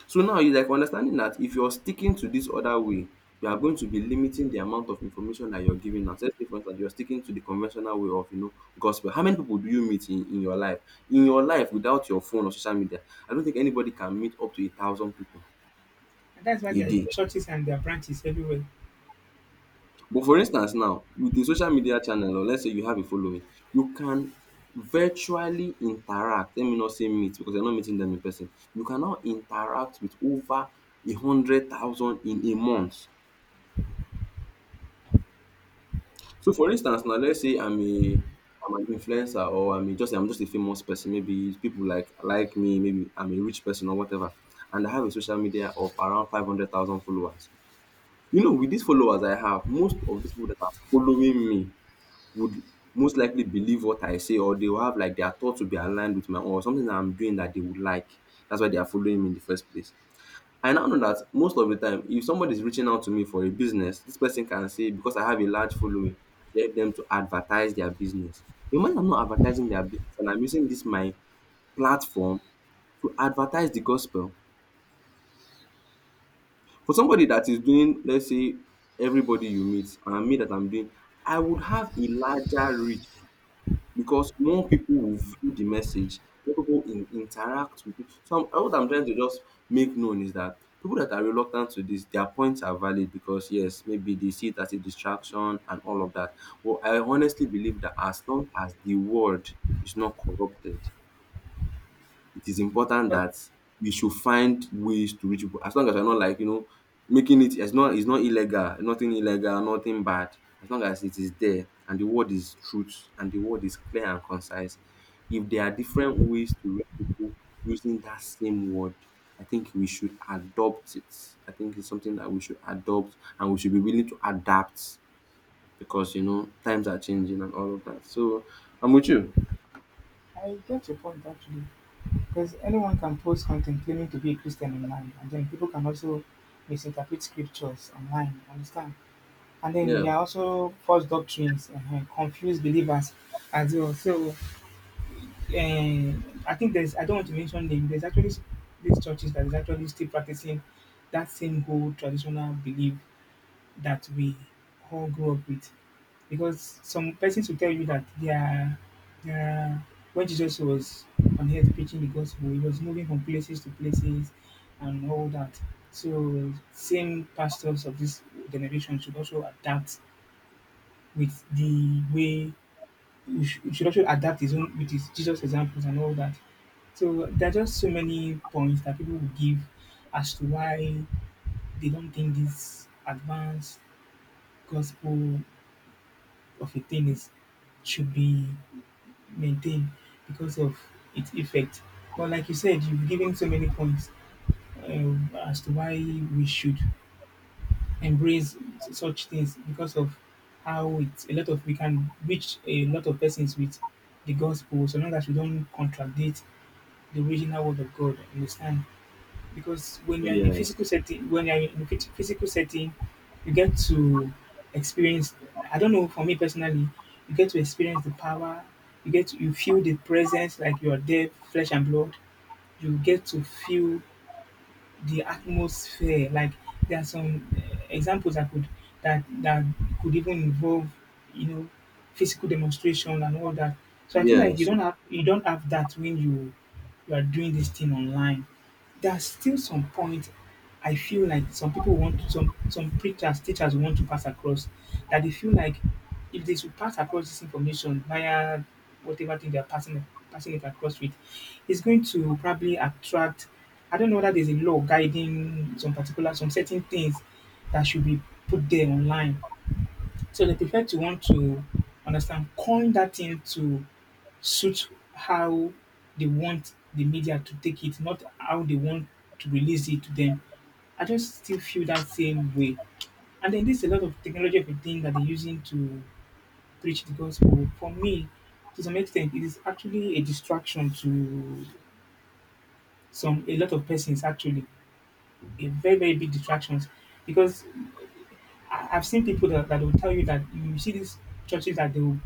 So now you like understanding that if you're sticking to this other way, you are going to be limiting the amount of information that you're giving out. Let's say, for instance, you're sticking to the conventional way of, you know, gospel. How many people do you meet in your life? In your life, without your phone or social media, I don't think anybody can meet up to 1,000 people
And that's why
a
there are
day.
churches and their branches everywhere.
But for instance, now with the social media channel, or let's say you have a following, you can virtually interact. Let me not say meet because you're not meeting them in person. You can now interact with over 100,000 in a month. So for instance now let's say I'm an influencer or I'm just a famous person, maybe people like me, maybe I'm a rich person or whatever, and I have a social media of around 500,000 followers. You know, with these followers I have, most of these people that are following me would most likely believe what I say or they will have like their thoughts will be aligned with my own or something that I'm doing that they would like. That's why they are following me in the first place. I now know that most of the time if somebody is reaching out to me for a business, this person can say because I have a large following to help them to advertise their business. Imagine I'm not advertising their business and I'm using this my platform to advertise the gospel. For somebody that is doing let's say everybody you meet and me that I'm doing, I would have a larger reach because more people will view the message, more people in, interact with it. What I'm trying to just make known is that people that are reluctant to this, their points are valid because yes, maybe they see it as a distraction and all of that. Well, I honestly believe that as long as the world is not corrupted, it is important
But
that we should find ways to reach people as long as we're not like, you know, making it it's not illegal, nothing illegal, nothing bad as long as it is there and the word is truth and the word is clear and concise. If there are different ways to reach people using that same word, I think we should adopt it. I think it's something that we should adopt and we should be willing to adapt because you know times are changing and all of that. So I'm with you.
I get your point actually, because anyone can post content claiming to be a Christian online, and then people can also misinterpret scriptures online. Understand? And then
Yeah,
there are also false doctrines, confused believers as well. So, I think there's. I don't want to mention them. There's actually these churches that is actually still practicing that same whole traditional belief that we all grew up with. Because some persons will tell you that they are, they are when Jesus was on earth preaching the gospel, he was moving from places to places and all that. So same pastors of this generation should also adapt with the way we should also adapt his own with his Jesus examples and all that. So there are just so many points that people will give as to why they don't think this advanced gospel of a thing is should be maintained because of its effect. But like you said, you've given so many points, as to why we should embrace such things because of how it's a lot of, we can reach a lot of persons with the gospel so long as we don't contradict the original word of God. Understand? Because when you're in a physical
yes,
setting, when you're in a physical setting, you get to experience. I don't know. For me personally, you get to experience the power. You feel the presence like you are there, flesh and blood. You get to feel the atmosphere. Like there are some examples I could, that could even involve, you know, physical demonstration and all that. So I feel like you
yes,
don't have you don't have that when you are doing this thing online. There's still some point I feel like some people want to, some preachers, teachers want to pass across, that they feel like if they should pass across this information via whatever thing they're passing it across with, it's going to probably attract. I don't know whether there's a law guiding some particular, some certain things that should be put there online. So the effect, you want to understand, coin that thing to suit how they want the media to take it, not how they want to release it to them. I just still feel that same way. And then there's a lot of technology of a thing that they're using to preach the gospel. For me, to some extent, it is actually a distraction to some, a lot of persons actually. A very, very big distractions. Because I've seen people that will tell you that you see these churches that they'll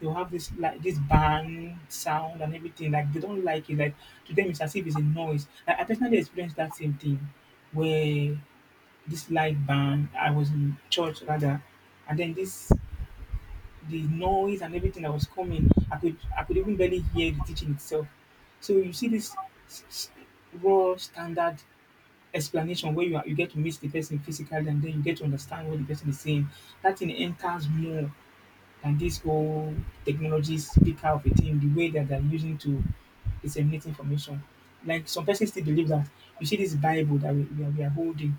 they'll have this, like this band sound and everything. Like they don't like it. Like to them, it's as if it's a noise. Like, I personally experienced that same thing where this light band, I was in church rather, and then this the noise and everything that was coming, I could even barely hear the teaching itself. So you see this s- s- raw standard explanation where you are, you get to meet the person physically and then you get to understand what the person is saying. That thing enters more than this whole technology speaker of a thing, the way that they're using to disseminate information. Like some persons still believe that you see this Bible that we are holding,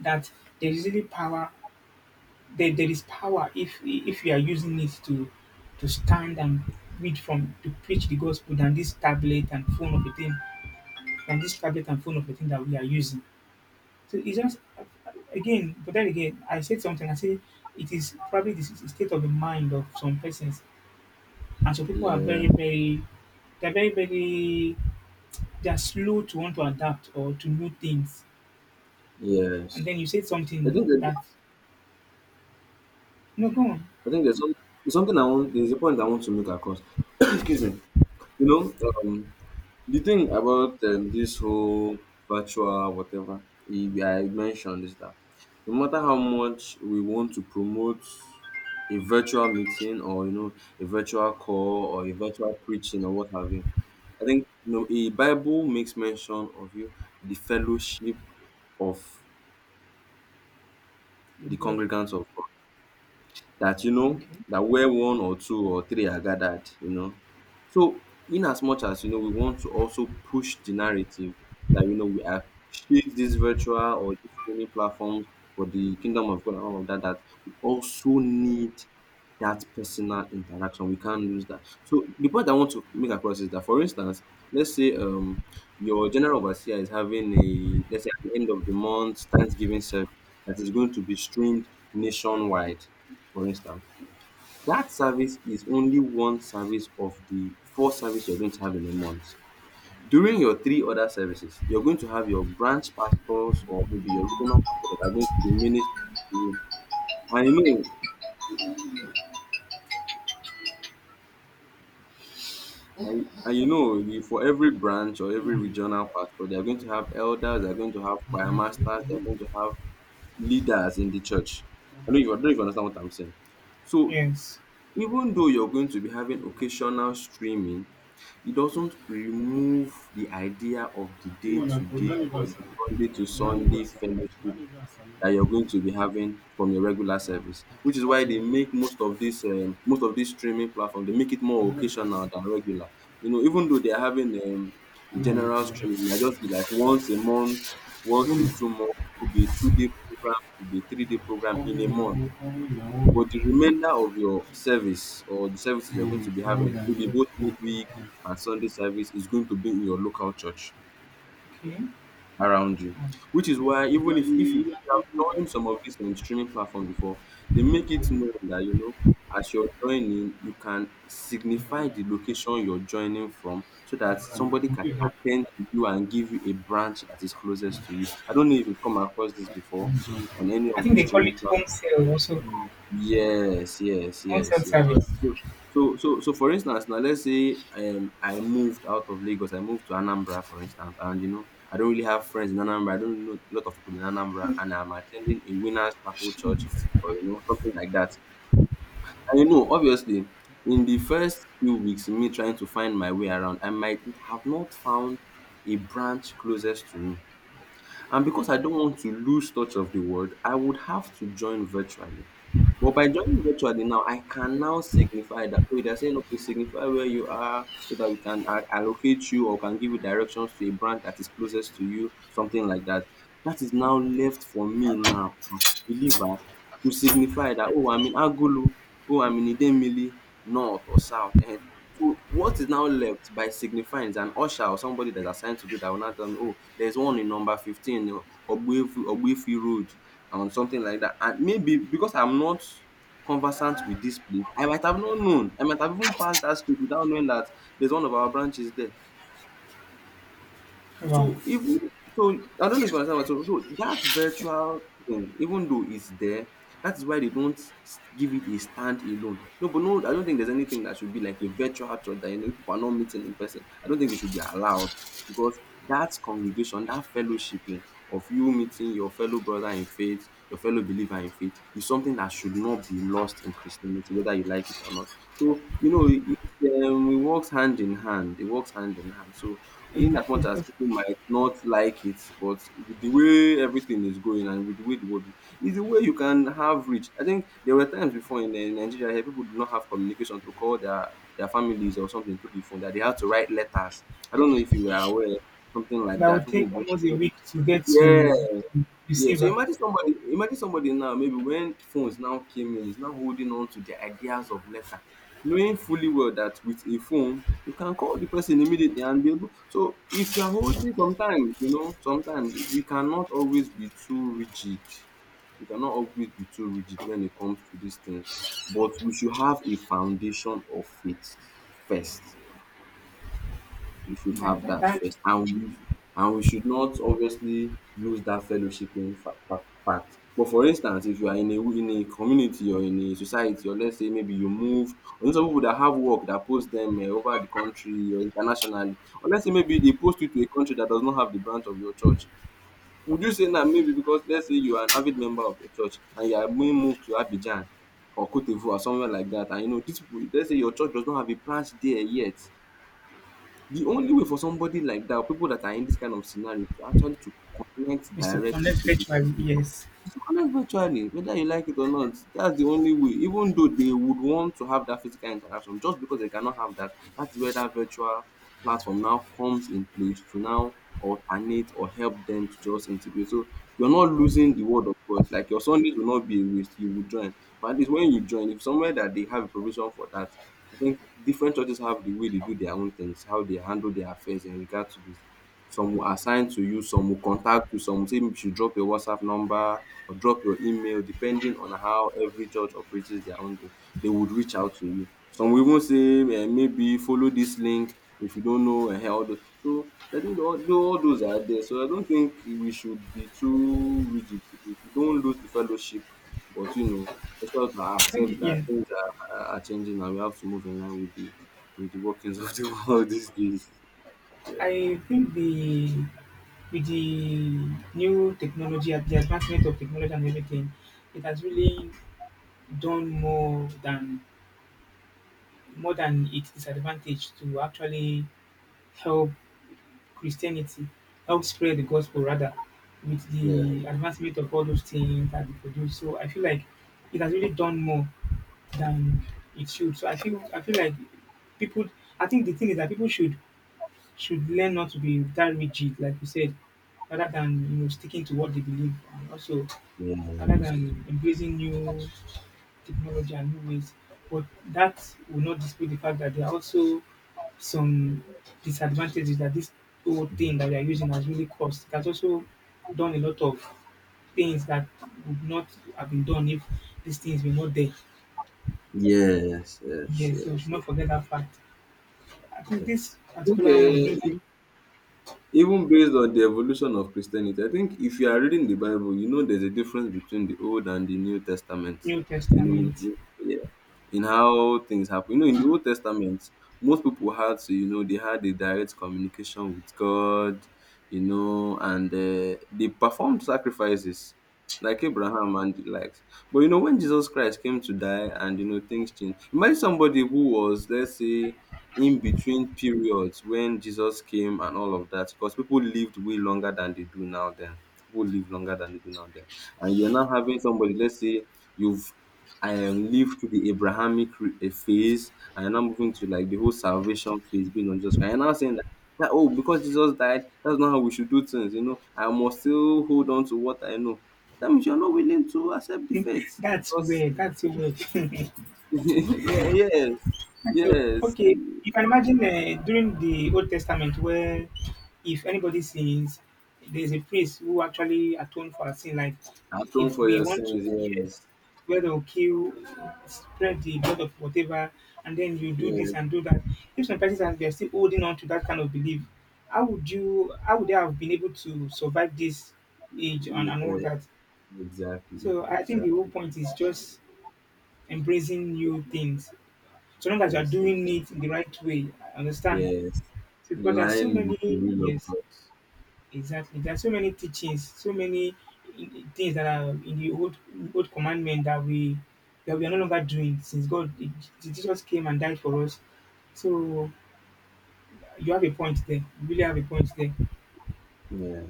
that there is really power, there is power, if you are using it to stand and read from to preach the gospel, than this tablet and phone of a thing that we are using. So it's just, again, but then again, I said something. I say it is probably this is the state of the mind of some persons, and some people are
yeah.
very, very, they're slow to want to adapt or to know things. And
Yes,
then you said
I
something
think that,
that, no, go on,
I think there's some, there's something I want. There's a point I want to make across. Excuse me. You know, um, the thing about this whole virtual whatever I mentioned is that no matter how much we want to promote a virtual meeting or you know a virtual call or a virtual preaching or what have you, I think you know a Bible makes mention of you the fellowship of
your
the
brother.
congregants of God, that you know
Okay.
that where one or two or three are gathered, you know. So in as much as you know we want to also push the narrative that you know we are shape this virtual or this streaming platforms for the kingdom of God and all of that, that we also need that personal interaction. We can't lose that. So the point I want to make across is that for instance, let's say, your general overseer is having a, let's say, at the end of the month thanksgiving service that is going to be streamed nationwide, for instance, that service is only one service of the 4 services you're going to have in a month. During your 3 other services, you're going to have your branch pastors or maybe your regional pastors that are going to be ministering to you. And you know, and you know, you- for every branch or every regional pastor, they're going to have elders, they're going to have choir masters, they're going to have leaders in the church. I don't even understand what I'm saying. So
Yes.
even though you're going to be having occasional streaming, it doesn't remove the idea of the day to day or the Sunday to Sunday fellowship that you're going to be having from your regular service, which is why they make most of this streaming platform they make it more occasional than regular. You know, even though they are having a general streaming, it might just be like once a month, once a 2 month, could be a 2 day program, could be a 3 day program in a month. But the remainder of your service or the services you're going to be having, maybe both midweek and Sunday service, is going to be in your local church
Okay. Um,
around you. Which is why even if you have joined some of these streaming platforms before, they make it known that you know as you're joining, you can signify the location you're joining from so that somebody can attend to you and give you a branch that is closest to you. I don't know if you've come across this before on any
I
of
think
the
they call
streaming
it home
platforms.
sale also,
Yes, yes,
home sale
yes, yes.
service.
So, so for instance, now let's say, I moved out of Lagos, I moved to Anambra, for instance, and you know, I don't really have friends in Anambra, I don't really know a lot of people in Anambra, and I'm attending a Winners Chapel Church or you know, something like that. And you know, obviously, in the first few weeks, me trying to find my way around, I might have not found a branch closest to me. And because I don't want to lose touch of the world, I would have to join virtually. But by joining virtually now, I can now signify that, oh, they're saying, okay, signify where you are so that we can allocate you or can give you directions to a branch that is closest to you, something like that. That is now left for me now, as a believer, to signify that, oh, I'm in Agulu, oh, I'm in Idemili, north or south. So what is now left by signifying is an usher or somebody that's assigned to do that will now tell me, oh, there's one in number 15, Ogbuefi Road, and something like that. And maybe because I'm not conversant with this place, I might have not known. I might have even passed that street without knowing that there's one of our branches there.
Wow.
So even so, I don't know if you understand what I'm saying. So that virtual thing, even though it's there, that's why they don't give it a stand alone. No, but no, I don't think there's anything that should be like a virtual church that you know people are not meeting in person. I don't think it should be allowed because that congregation, that fellowshipping of you meeting your fellow brother in faith, your fellow believer in faith, is something that should not be lost in Christianity, whether you like it or not. So, you know, it works hand in hand. It works hand in hand. So, in as
Exactly.
much as
Because
people might not like it, but with the way everything is going and with the way the world is the way you can have reach. I think there were times before in Nigeria here people did not have communication to call their families or something through the phone that they had to write letters. I don't know if you were aware something like
that
that.
would
People would
take almost a
bring-
week to get
yeah,
to
yeah, so
receiver.
imagine somebody now, maybe when phones now came in, is now holding on to the ideas of letter, knowing fully well that with a phone, you can call the person immediately and be able. So if you are holding, sometimes you know, sometimes we cannot always be too rigid. We cannot always be too rigid when it comes to these things, but we should have a foundation of faith first, we should
That,
have
that,
that
that
first. And we should not obviously lose that fellowshipping fact. But for instance, if you are in a community or in a society, or let's say maybe you move, or you know some people that have work that post them over the country or internationally, or let's say maybe they post you to a country that does not have the branch of your church. Would you say that maybe because let's say you are an avid member of your church and you are being moved to Abidjan or Cote d'Ivoire, or somewhere like that, and you know, this, let's say your church does not have a branch there yet, the only way for somebody like that, or people that are in this kind of scenario, to actually to connect
is to
directly
connect
to this
virtually,
people,
yes.
is to connect virtually, whether you like it or not. That's the only way. Even though they would want to have that physical interaction, just because they cannot have that, that's where that virtual platform now comes in place to now alternate or help them to just integrate. So you're not losing the word of God. Like your Sundays will not be a waste. You will join. But at least when you join, if somewhere that they have a provision for that, I think different churches have the way they do their own things, how they handle their affairs in regard to this. Some will assign to you, some will contact you, some will say you should drop your WhatsApp number or drop your email depending on how every church operates their own thing. They would reach out to you. Some will even say maybe follow this link if you don't know all those. So I think all those are there. So I don't think we should be too rigid. We should don't lose the fellowship but you know we sort of
i think
accept that
yeah
things are changing and we have to move in line with the workings of the world these days. Yeah.
i think the with the new technology, the advancement of technology and everything, it has really done more than its disadvantage to actually help Christianity, help spread the gospel rather, with
Yeah.
the advancement of all those things that we produce. So I feel like it has really done more than it should. So I feel like people, I think the thing is that people should learn not to be that rigid, like you said, rather than sticking to what they believe, and also rather
Yes.
than embracing new technology and new ways. But that will not dispute the fact that there are also some disadvantages that this whole thing that we are using has really caused. It has also done a lot of things that would not have been done if these things were not there.
Yes. Yes.
Yes, so we
Yes.
should not forget that fact. I think
Yes.
this particular one
Okay.
brings me.
Even based on the evolution of Christianity, I think if you are reading the Bible, you know there's a difference between the Old and the New Testament.
New
You know,
Testament.
in, yeah, in how things happen. You know, in the Old Testament, most people had to, you know, they had a direct communication with God, you know, and they performed sacrifices like Abraham and the likes. But you know, when Jesus Christ came to die and you know things changed, imagine somebody who was, let's say, in between periods when Jesus came and all of that, because people lived way longer than they do now then. People live longer than they do now then. And you're now having somebody, let's say you've lived through the Abrahamic phase and you're now moving to like the whole salvation phase being on Jesus Christ. And you're now saying that, that, oh, because Jesus died, that's not how we should do things, you know. I must still hold on to what I know. That means you're not willing to accept the faith.
That's
Because,
weird. That's so weird.
yeah, yeah,
That's so,
yes.
okay, you can imagine during the Old Testament where if anybody sins, there's a priest who actually atone for our sin. Like,
Atone
if
for
we
your
want to,
sins,
yes,
yes.
where they'll kill, spread the blood of whatever, and then you do
Yeah,
this and do that. If some persons are they're still holding on to that kind of belief, how would you? How would they have been able to survive this age, and,
yeah,
and all that?
exactly,
So I think the whole
exactly.
point is just embracing new things. So long as you are
Yes, and-
doing it in the right way, I understand.
yes,
So
in
because there are so
line with the
many,
will of
yes,
God.
exactly. There are so many teachings, so many things that are in the old commandment that we are no longer doing since God, Jesus came and died for us. So you have a point there. You really have a point there.
Yeah.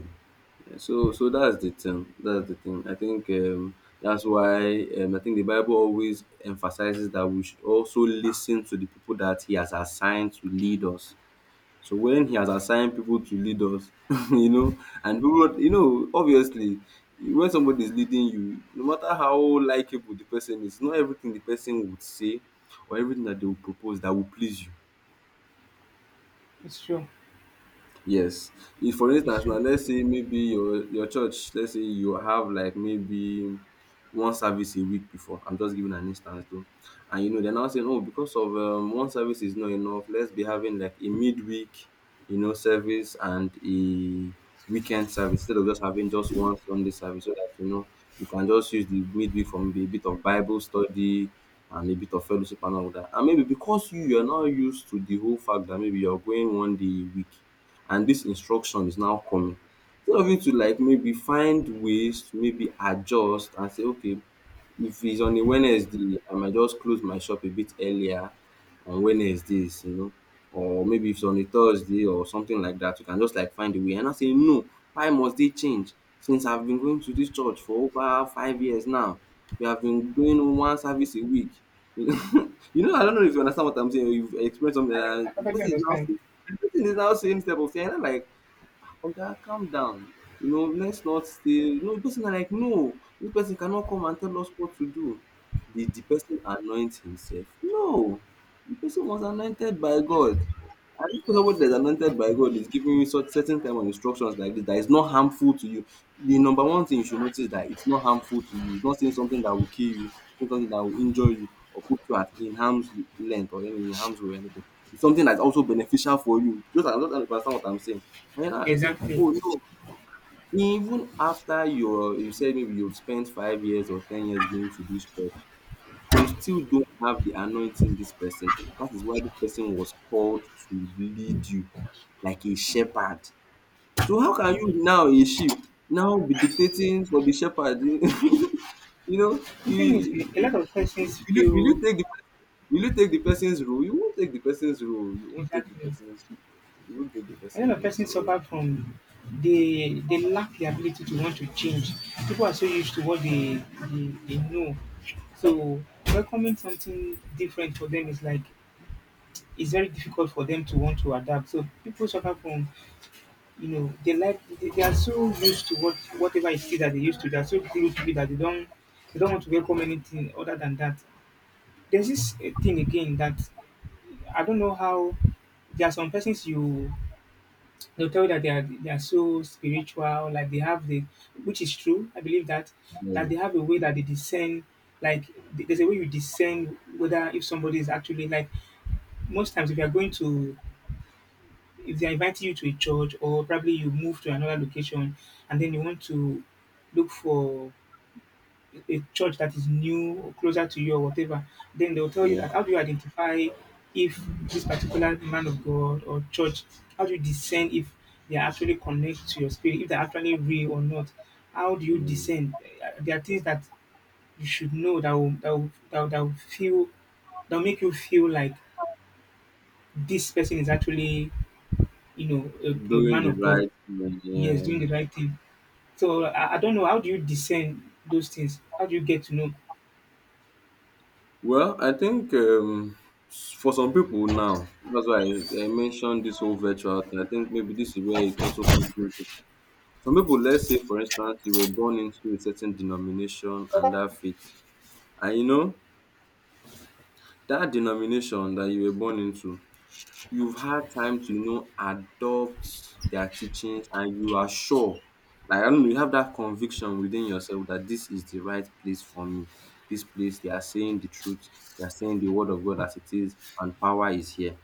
Yeah. So, so that's the thing. That's the thing. I think that's why I think the Bible always emphasizes that we should also listen to the people that He has assigned to lead us. So when he has assigned people to lead us, you know, and people, you know, obviously, when somebody is leading you, no matter how likable the person is, not everything the person would say or everything that they will propose that will please you.
It's true.
Yes. If for
It's
instance now
true.
let's say maybe your church let's say you have like maybe one service a week before, I'm just giving an instance though, and you know they're now saying oh because of one service is not enough let's be having like a midweek you know service and a weekend service instead of just having just one Sunday service so that you know we can just use the midweek for maybe a bit of Bible study and a bit of fellowship and all that and maybe because you you're not used to the whole fact that maybe you're going 1 day a week and this instruction is now coming. Instead of you to like maybe find ways to maybe adjust and say, okay, if it's on a Wednesday, I might just close my shop a bit earlier on Wednesdays, you know, or maybe if it's on a Thursday or something like that, you can just like find a way. And I say, no, why must they change? Since I've been going to this church for over 5 years now, we have been doing one service a week. You know, I don't know if you understand what I'm saying. Or you've experienced something
I,
like
I
that. The
perfectly
person is now
understand.
everything is now same step of saying. I'm like, oga calm down, you know, let's not stay, you know the person are like no this person cannot come and tell us what to do, did the person anoint himself? No, the person was anointed by God. And if somebody that is anointed by God is giving you such certain type of instructions like this that is not harmful to you, the number one thing you should notice that it's not harmful to you, it's not saying something that will kill you, saying something that will injure you or put you at in harm's length or in harm's way or anything, it's something that's also beneficial for you. Just I am just trying to understand what I'm saying. And then I like,
Exactly.
"Oh no, even after your you said maybe you've spent 5 years or 10 years going to this church, you still don't have the anointing this person has. That is why this person was called to lead you like a shepherd. So how can you now a sheep now be dictating for the shepherd?" You know,
The thing is, a
you-
lot of persons
will you, will
feel,
you take the, will you take the person's role? You won't take the person's role. You won't take the
exactly,
person's, you won't take the
a
person's
lot of
role.
person
So
suffer from, they lack the ability to want to change. People are so used to what they they know. So welcoming something different for them is like, it's very difficult for them to want to adapt. So people suffer from, you know, they like they are so used to what whatever it is that they used to. They are so glued to it that they don't want to welcome anything other than that. There's this thing again that I don't know how. There are some persons, you. They'll tell you that they are so spiritual, like they have the, which is true. I believe that that
yeah,
they have a way that they discern, like, there's a way you discern whether if somebody is actually like, most times if you are going to, if they are inviting you to a church, or probably you move to another location and then you want to look for a church that is new or closer to you or whatever, then they'll tell you
yeah.
that how do you identify if this particular man of God or church, how do you discern if they are actually connect to your spirit, if they're actually real or not? How do you
Mm.
discern? Eh, there are things that you should know that that will feel, that'll make you feel like this person is actually, you know, a
Doing
man
the
of God.
right thing,
He is
yeah.
doing the right thing. So I don't know. How do you discern those things? How do you get to know?
Well, I think for some people now, that's why I mentioned this whole virtual thing. I think maybe this is where it also comes into. Some people, let's say, for instance, you were born into a certain denomination and that faith, and you know that denomination that you were born into you've had time to, adopt their teachings and you are sure, like, I don't know, you have that conviction within yourself that this is the right place for me. This place, they are saying the truth, they are saying the word of God as it is, and power is here.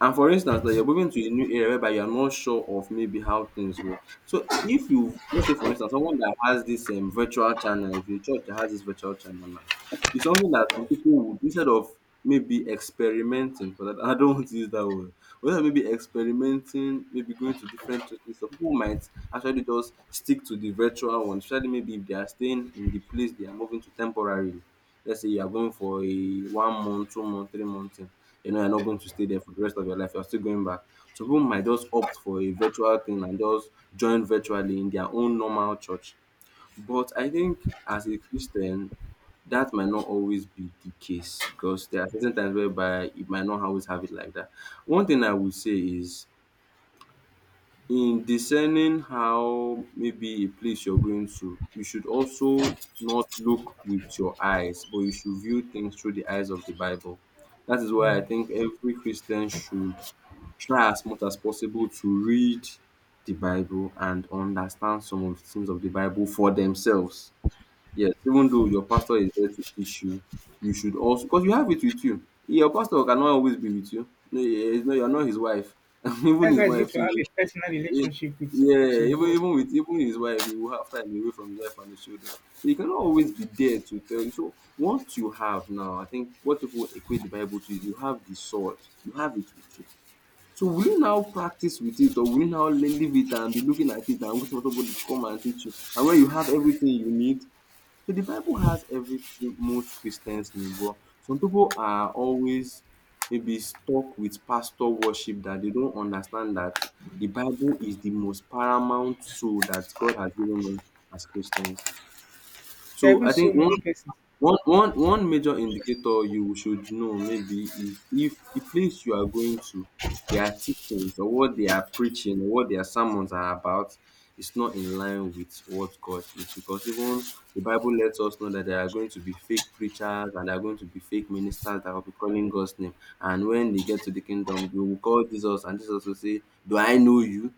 And for instance that you're moving to a new area whereby you're not sure of maybe how things work. So if you let's say for instance someone that has this virtual channel, if your church has this virtual channel now, it's something that some people would instead of maybe experimenting for that I don't want to use that word. Whether maybe experimenting, maybe going to different churches, some people might actually just stick to the virtual one, especially maybe if they are staying in the place they are moving to temporarily. Let's say you are going for a 1 month, 2 month, 3 month thing, you know you're not going to stay there for the rest of your life. You're still going back. Some people might just opt for a virtual thing and just join virtually in their own normal church. But I think as a Christian, that might not always be the case because there are certain times whereby it might not always have it like that. One thing I would say is in discerning how maybe a place you're going to, you should also not look with your eyes, but you should view things through the eyes of the Bible. That is why
Wow.
I think every Christian should try as much as possible to read the Bible and understand some of the things of the Bible for themselves. Yes, even though your pastor is there to teach you, you should also because you have it with you. Your pastor cannot always be with you. No, he- he's not- you're not his wife. even
That's
his
why it's good
wife
to
too.
have a personal
Yeah,
relationship
yeah,
with your
even
God.
even with even his wife, he will have time away from his wife and his children. So he cannot always be there to tell you. So what you have now, I think what people equate the Bible to is you have the sword, you have it with you. So will you now practice with it, or will you now leave it and be looking at it and wait for somebody to come and teach you? And when you have everything you need, so the Bible has everything most Christians need, but some people are always maybe stuck with pastor worship that they don't understand that the Bible is the most paramount tool that God has given us as Christians.
There are
So
even
I
so
think one
many persons.
one one one major indicator you should know maybe is if the place you are going to, their teachings or what they are preaching, or what their sermons are about, is not in line with what God is. Because even the Bible lets us know that there are going to be fake preachers and there are going to be fake ministers that will be calling God's name. And when they get to the kingdom, they will call Jesus, and Jesus will say, "Do I know you?"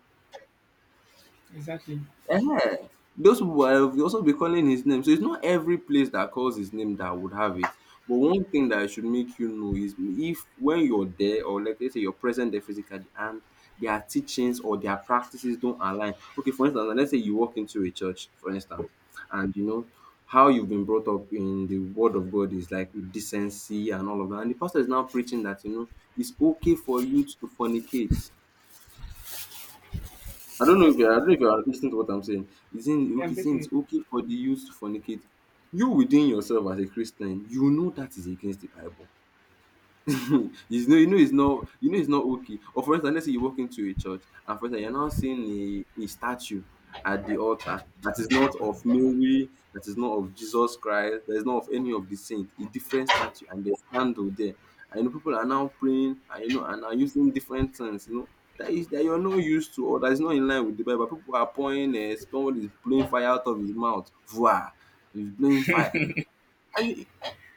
Exactly.
Yeah, those people have also be calling his name. So it's not every place that calls his name that would have it. But one thing that I should make you know is if when you're there, or like let's say you're present there physically, and their teachings or their practices don't align. Okay, for instance, let's say you walk into a church, for instance, and you know how you've been brought up in the word of God is like with decency and all of that. And the pastor is now preaching that it's okay for you to fornicate. I don't know if you're, I don't know if you're listening to what I'm saying. It's in
I am
okay,
getting
since
it.
okay for the youth to fornicate. You within yourself as a Christian, you know that is against the Bible. You know it's not you know it's not okay. Or for instance, let's say you walk into a church and for instance you're now seeing a statue at the altar that is not of Mary, that is not of Jesus Christ, that is not of any of the saints, a different statue and there's candle there. And you know, people are now praying and you know and are using different things, you know. That is that you're not used to or that is not in line with the Bible. People are pouring somebody is blowing fire out of his mouth. Vua, he's blowing fire.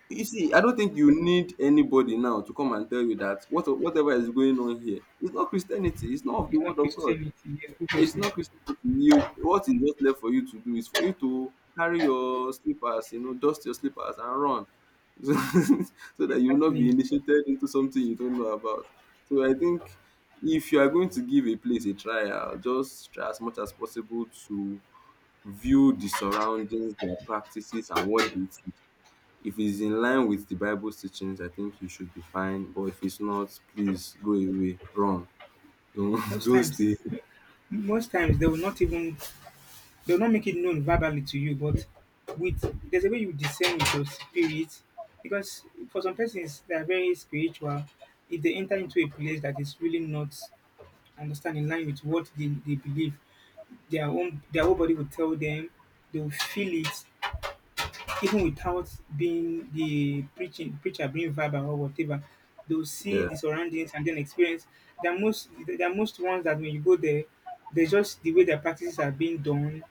You see, I don't think you need anybody now to come and tell you that what whatever is going on here is not Christianity. It's not of the
It's
word
not
of God.
Christianity, yes,
It's
obviously.
not Christianity. You, what is just left for you to do is for you to carry your slippers, you know, dust your slippers and run, so, so that you will not be
Exactly.
initiated into something you don't know about. So I think if you are going to give a place a trial, just try as much as possible to view the surroundings, their practices, and what they teach if it's in line with the Bible's teachings, I think you should be fine. But if it's not, please go away, run. Don't
Most
don't
times,
stay.
most times they will not even, they will not make it known verbally to you, but with, there's a way you discern with your spirit. Because for some persons, they are very spiritual. If they enter into a place that is really not, understand, in line with what they believe, their own, their whole body will tell them, they will feel it, even without being the preaching preacher being verbal or whatever, they'll see
Yeah.
the surroundings and then experience. they're most they're most ones that when you go there, they just, the way their practices are being done,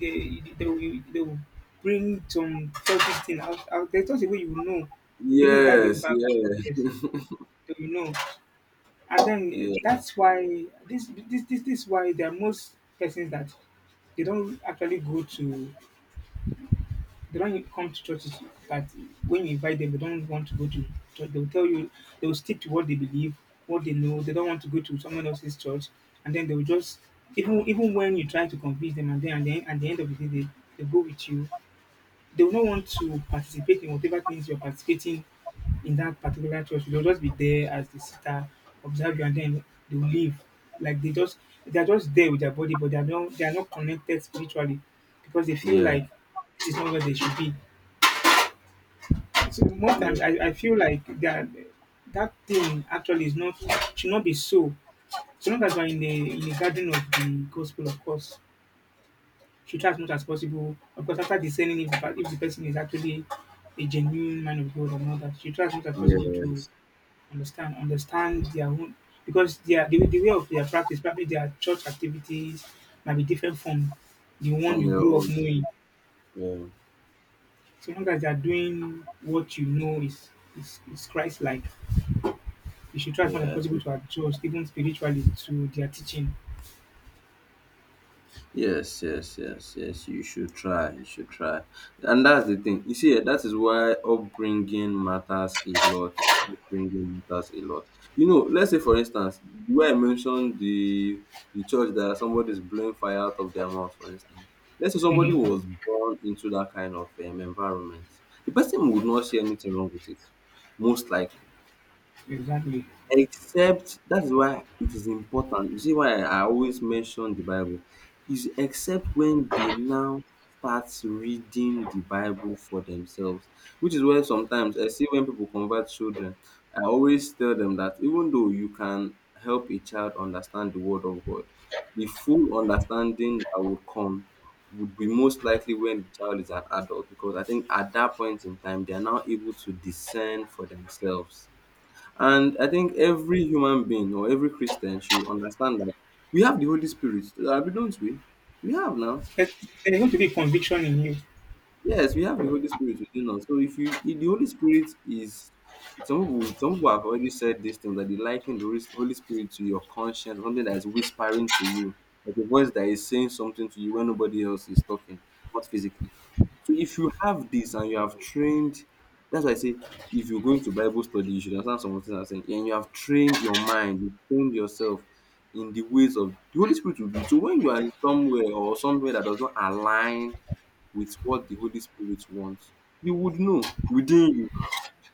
they will bring some cultish thing out, there's just a way you will know, even without being
Yes.
verbal,
Yeah.
yes, they will know. And then
Yeah.
that's why this is why there are most persons that they don't actually go to, they don't come to church, is that when you invite them, they don't want to go to church. They will tell you they will stick to what they believe, what they know. They don't want to go to someone else's church, and then they will just, even even when you try to convince them, and then at the end of the day, they go with you. They will not want to participate in whatever things you're participating in that particular church. They'll just be there as the sister, observe you, and then they will leave. Like they just, they are just there with their body, but they are not connected spiritually because they feel
Yeah.
like it's not where they should be. So most
Yeah.
times I feel like that that thing actually is not, should not be so. So long as we're in the garden of the gospel, of course, should try as much as possible. Of course, after discerning if the, if the person is actually a genuine man of God or not, that should try as much as possible to
Yes.
understand their own. Because their, the way of their practice, probably their church activities might be different from the one
From
you
your
grew up
own.
knowing.
Yeah.
So long as they are doing what you know is is Christ like, you should try as much as
Yeah. I
possible
think
to adjust, even spiritually, to their teaching.
yes, yes, yes, yes. You should try. You should try. And that's the thing. You see, eh, that is why upbringing matters a lot. Upbringing matters a lot. You know, let's say for instance, where I mentioned the church that somebody is blowing fire out of their mouth, for instance. Let's say somebody
Mhm.
was born into that kind of environment. The person would not see anything wrong with it, most likely.
Exactly.
Except that is why it is important. You see why I always mention the Bible is except when they now start reading the Bible for themselves, which is where sometimes I see when people convert children, I always tell them that even though you can help a child understand the word of God, the full understanding that would come would be most likely when the child is an adult because I think at that point in time they are now able to discern for themselves and I think every human being or every Christian should understand that we have the Holy Spirit, we don't we? We have now.
There's, there's going to be conviction in you.
Yes, we have the Holy Spirit within us. So if you if the Holy Spirit is some people have already said this thing that they liken the Holy Spirit to your conscience, something that is whispering to you, like a voice that is saying something to you when nobody else is talking, not physically. So if you have this and you have trained, that's why I say if you're going to Bible study, you should understand some of the things I'm saying, and you have trained your mind, you trained yourself in the ways of the Holy Spirit will be. So when you are in somewhere or somewhere that does not align with what the Holy Spirit wants, you would know within you.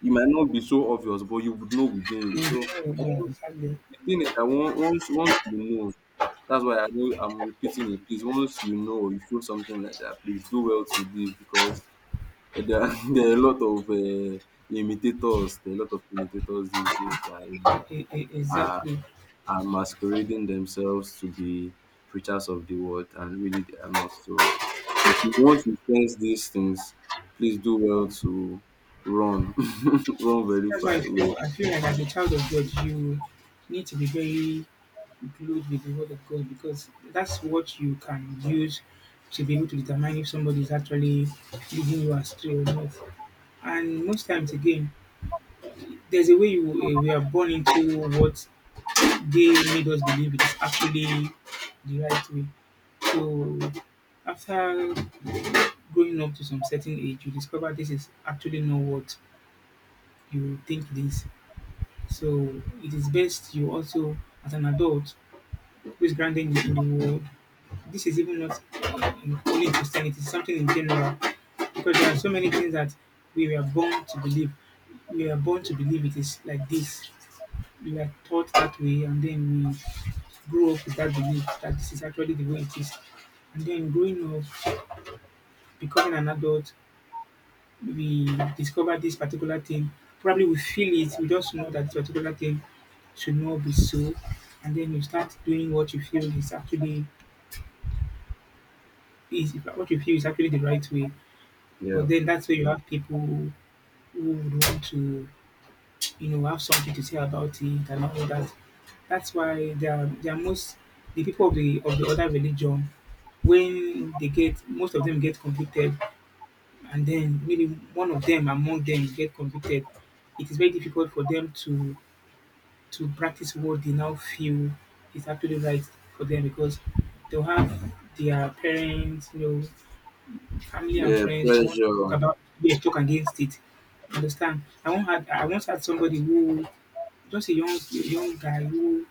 It might not be so obvious, but you would know within
You
you. So
know,
I
yeah,
think
exactly.
the thing is that once you know, that's why I know I'm repeating it. Please, once you know, you feel something like that, please do well to leave because eh, there are, there are a lot of imitators. There are a lot of imitators these days that are
Exactly.
masquerading themselves to be preachers of the word, and really they are not. So once you sense these things, please do well to run, run very
That's why
far away.
I feel like as a child of God, you need to be very glued with the word of God, because that's what you can use to be able to determine if somebody is actually leading you astray or not. And most times, again, there's a way you, we are born into what they made us believe it is actually the right way. So after growing up to some certain age, you discover this is actually not what you think it is. So it is best you also, as an adult who is grounded in the world, this is even not, only in Christianity, it's something in general. Because there are so many things that we were born to believe. We are born to believe it is like this. We are taught that way, and then grow up with that belief that this is actually the way it is. And then growing up, becoming an adult, we discover this particular thing. Probably we feel it, we just know that this particular thing should not be so. And then you start doing what you feel is what you feel is actually the right way.
Yeah,
But then that's where you have people who would want to, you know, have something to say about it and all that. That's why they are most, the people of the other religion, when they get, most of them get convicted. And then maybe one of them among them get convicted, it is very difficult for them to practice what they now feel is actually right for them, because they'll have their parents, you know, family and
yeah,
friends who want to talk
pressure.
about, yes, talk against it. Understand? I once had somebody who, just a young guy who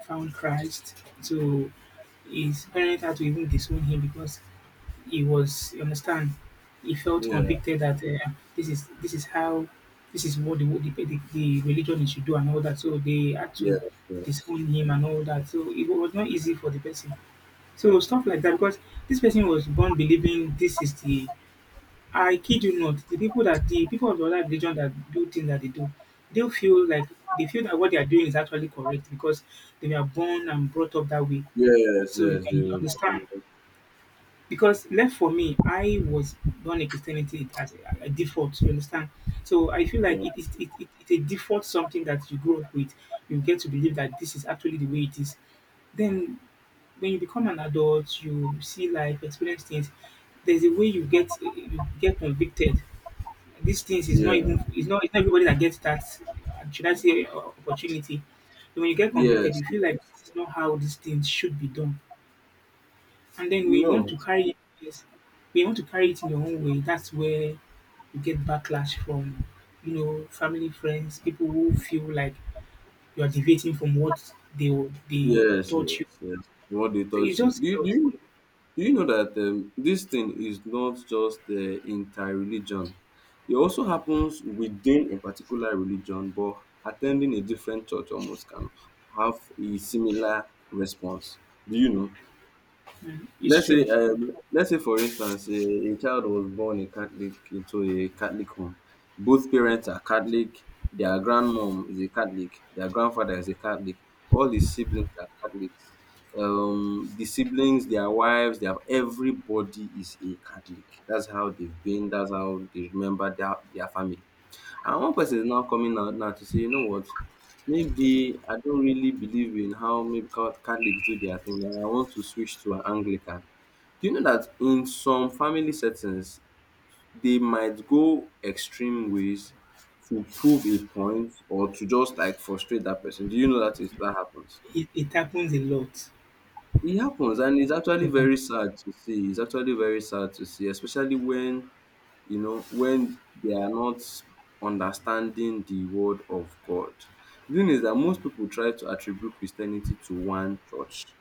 found Christ. So his parents had to even disown him because he was, you understand, he felt
Yeah,
convicted that this is how, this is what the, the religion should do and all that. So they had to
yes, yes,
disown him and all that. So it was not easy for the person. So stuff like that, because this person was born believing this is the, I kid you not, the people of the other religion that do things that they do, they feel like they feel that what they are doing is actually correct because they were born and brought up that way.
yes,
So
yes. They
I
were born
understand.
with it.
Because left for me, I was born in Christianity as a default. You understand? So I feel
Yeah,
like it is it's a default, something that you grow up with. You get to believe that this is actually the way it is. Then when you become an adult, you see life, experience things. There's a way you get convicted. These things is not, even
yeah,
it's not, it's not everybody that gets that, should I say, opportunity. So when you get
yes,
convicted, you feel like
yes.
this is not how these things should be done. And then when
You
you want
know,
to carry, yes, when you want to carry it in your own way, that's where you get backlash from, you know, family, friends, people who feel like you are deviating from what they
yes,
taught you.
yes, yes. What they
So
taught
it's
you.
just a lot.
Do you know that this thing is not just inter-religion? It also happens within a particular religion, but attending a different church almost can have a similar response. Do you know?
It's true.
Let's say for instance, a child was born a Catholic into a Catholic home. Both parents are Catholic. Their grandmom is a Catholic. Their grandfather is a Catholic. All the siblings are Catholics. The siblings, their wives, their everybody is a Catholic. That's how they've been. That's how they remember their family. And one person is now coming out now to say, you know what? Maybe I don't really believe in how maybe Catholics do their thing, and I want to switch to an Anglican. Do you know that in some family settings, they might go extreme ways to prove a point or to just like frustrate that person? Do you know that is that happens?
It happens a lot.
It happens, and it's
It happens
actually
a lot.
very sad to see. It's actually very sad to see, especially when you know when they are not understanding the word of God. The thing is that most people try to attribute Christianity to one church.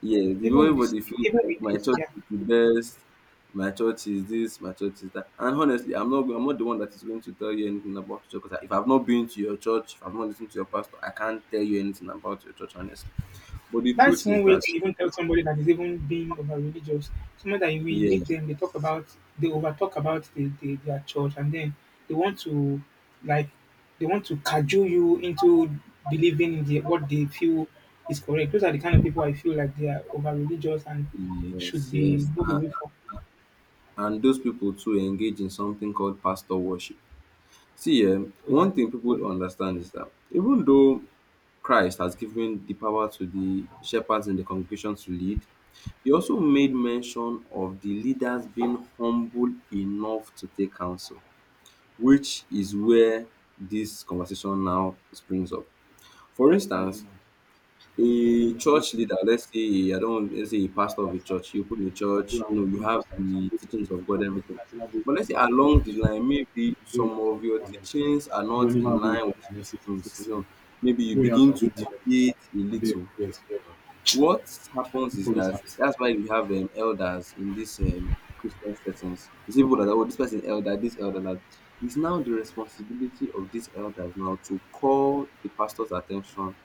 Yes, the
Even
way
with this,
everybody feels
even with
like my
this,
church
yeah.
is the best, my church is this, my church is that. And honestly, I'm not the one that is going to tell you anything about your church. Because if I've not been to your church, if I've not listened to your pastor, I can't tell you anything about your church, honestly. But the
That's
truth is
one way
that
to even tell somebody that is even being over religious. Someone that we meet
yes,
them, they talk about, they over talk about the, their church, and then they want to, like, they want to cajole you into believing in the, what they feel is correct. Those are the kind of people I feel like they are over religious and should
yes,
be
yes.
moved
And,
away from.
and those people too engage in something called pastor worship. See,
Is-,
one thing people don't understand is that even though Christ has given the power to the shepherds in the congregation to lead, he also made mention of the leaders being humble enough to take counsel, which is where this conversation now springs up. For instance, a church leader, let's say, I don't, let's say a pastor of a church, you open a church, you know, you have the teachings of God, everything. But let's say along the line, maybe some of your teachings are not in line with some things, you know, maybe you begin to deviate a little. What happens is that that's why we have elders in these Christian settings. You see people that, oh, this person elder, this elder, that. It's now the responsibility of these elders now to call the pastor's attention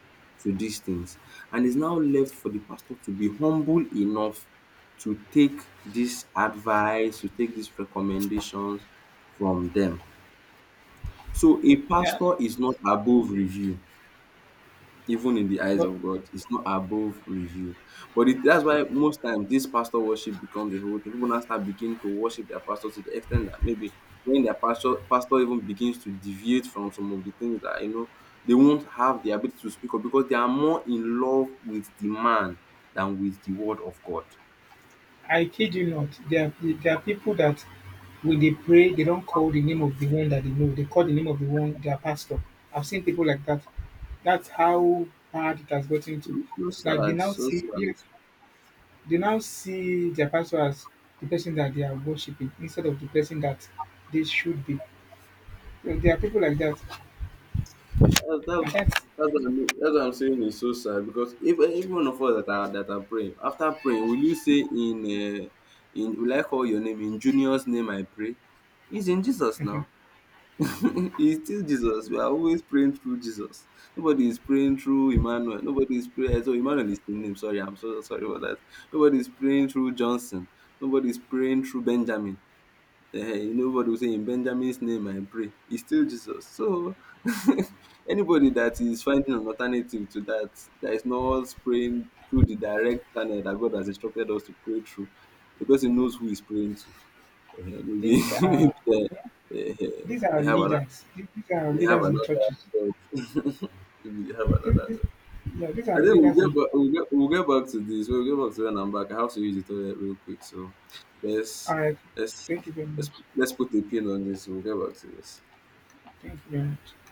to these things. And it's now left for the pastor to be humble enough to take this advice, to take these recommendations from them. So a
yeah,
pastor is not above review even in the eyes
but
of God. It's not above review. That's why most times this pastor worship becomes a whole thing. People now start begin to worship their pastor to the extent that maybe when their pastor even begins to deviate from some of the things that you know, they won't have the ability to speak up because they are more in love with the man than with the word of God.
I kid you not, there are people that when they pray, they don't call the name of the one that they know. They call the name of the one, their pastor. I've seen people like that. That's how bad it has gotten to.
It's so
Like they
sad,
now
so
see,
sad.
yes, they now see their pastor as the person that they are worshiping instead of the person that they should be. So there are people like that,
That's, that's,
and that's,
that's what I'm saying is so sad because if even one of us that are praying after praying, will you say in will I call your name in Junior's name I pray? He's in Jesus now. He's still Jesus. We are always praying through Jesus. Nobody is praying through Emmanuel. Nobody is praying. So Emmanuel is the name. Sorry, I'm so sorry for that. Nobody is praying through Johnson. Nobody is praying through Benjamin, nobody will say in Benjamin's name I pray, it's still Jesus. So anybody that is finding an alternative to that, that is not praying through the direct channel that God has instructed us to pray through, the person knows who he's praying to. Maybe
these
maybe
are
they, eh, eh,
these
they
are
have another
leaders. These are
they have
leaders in
another
churches.
God. Maybe they have another
These, these,
God.
yeah, these
I
are
think we'll
leaders
get
in.
back. We'll get back to this. We'll get back to when I'm back. I have to use the toilet real quick. So let's
All right,
let's
thank you very
let's
much.
let's put a pin on this. We'll get back to this.
Thank you very much.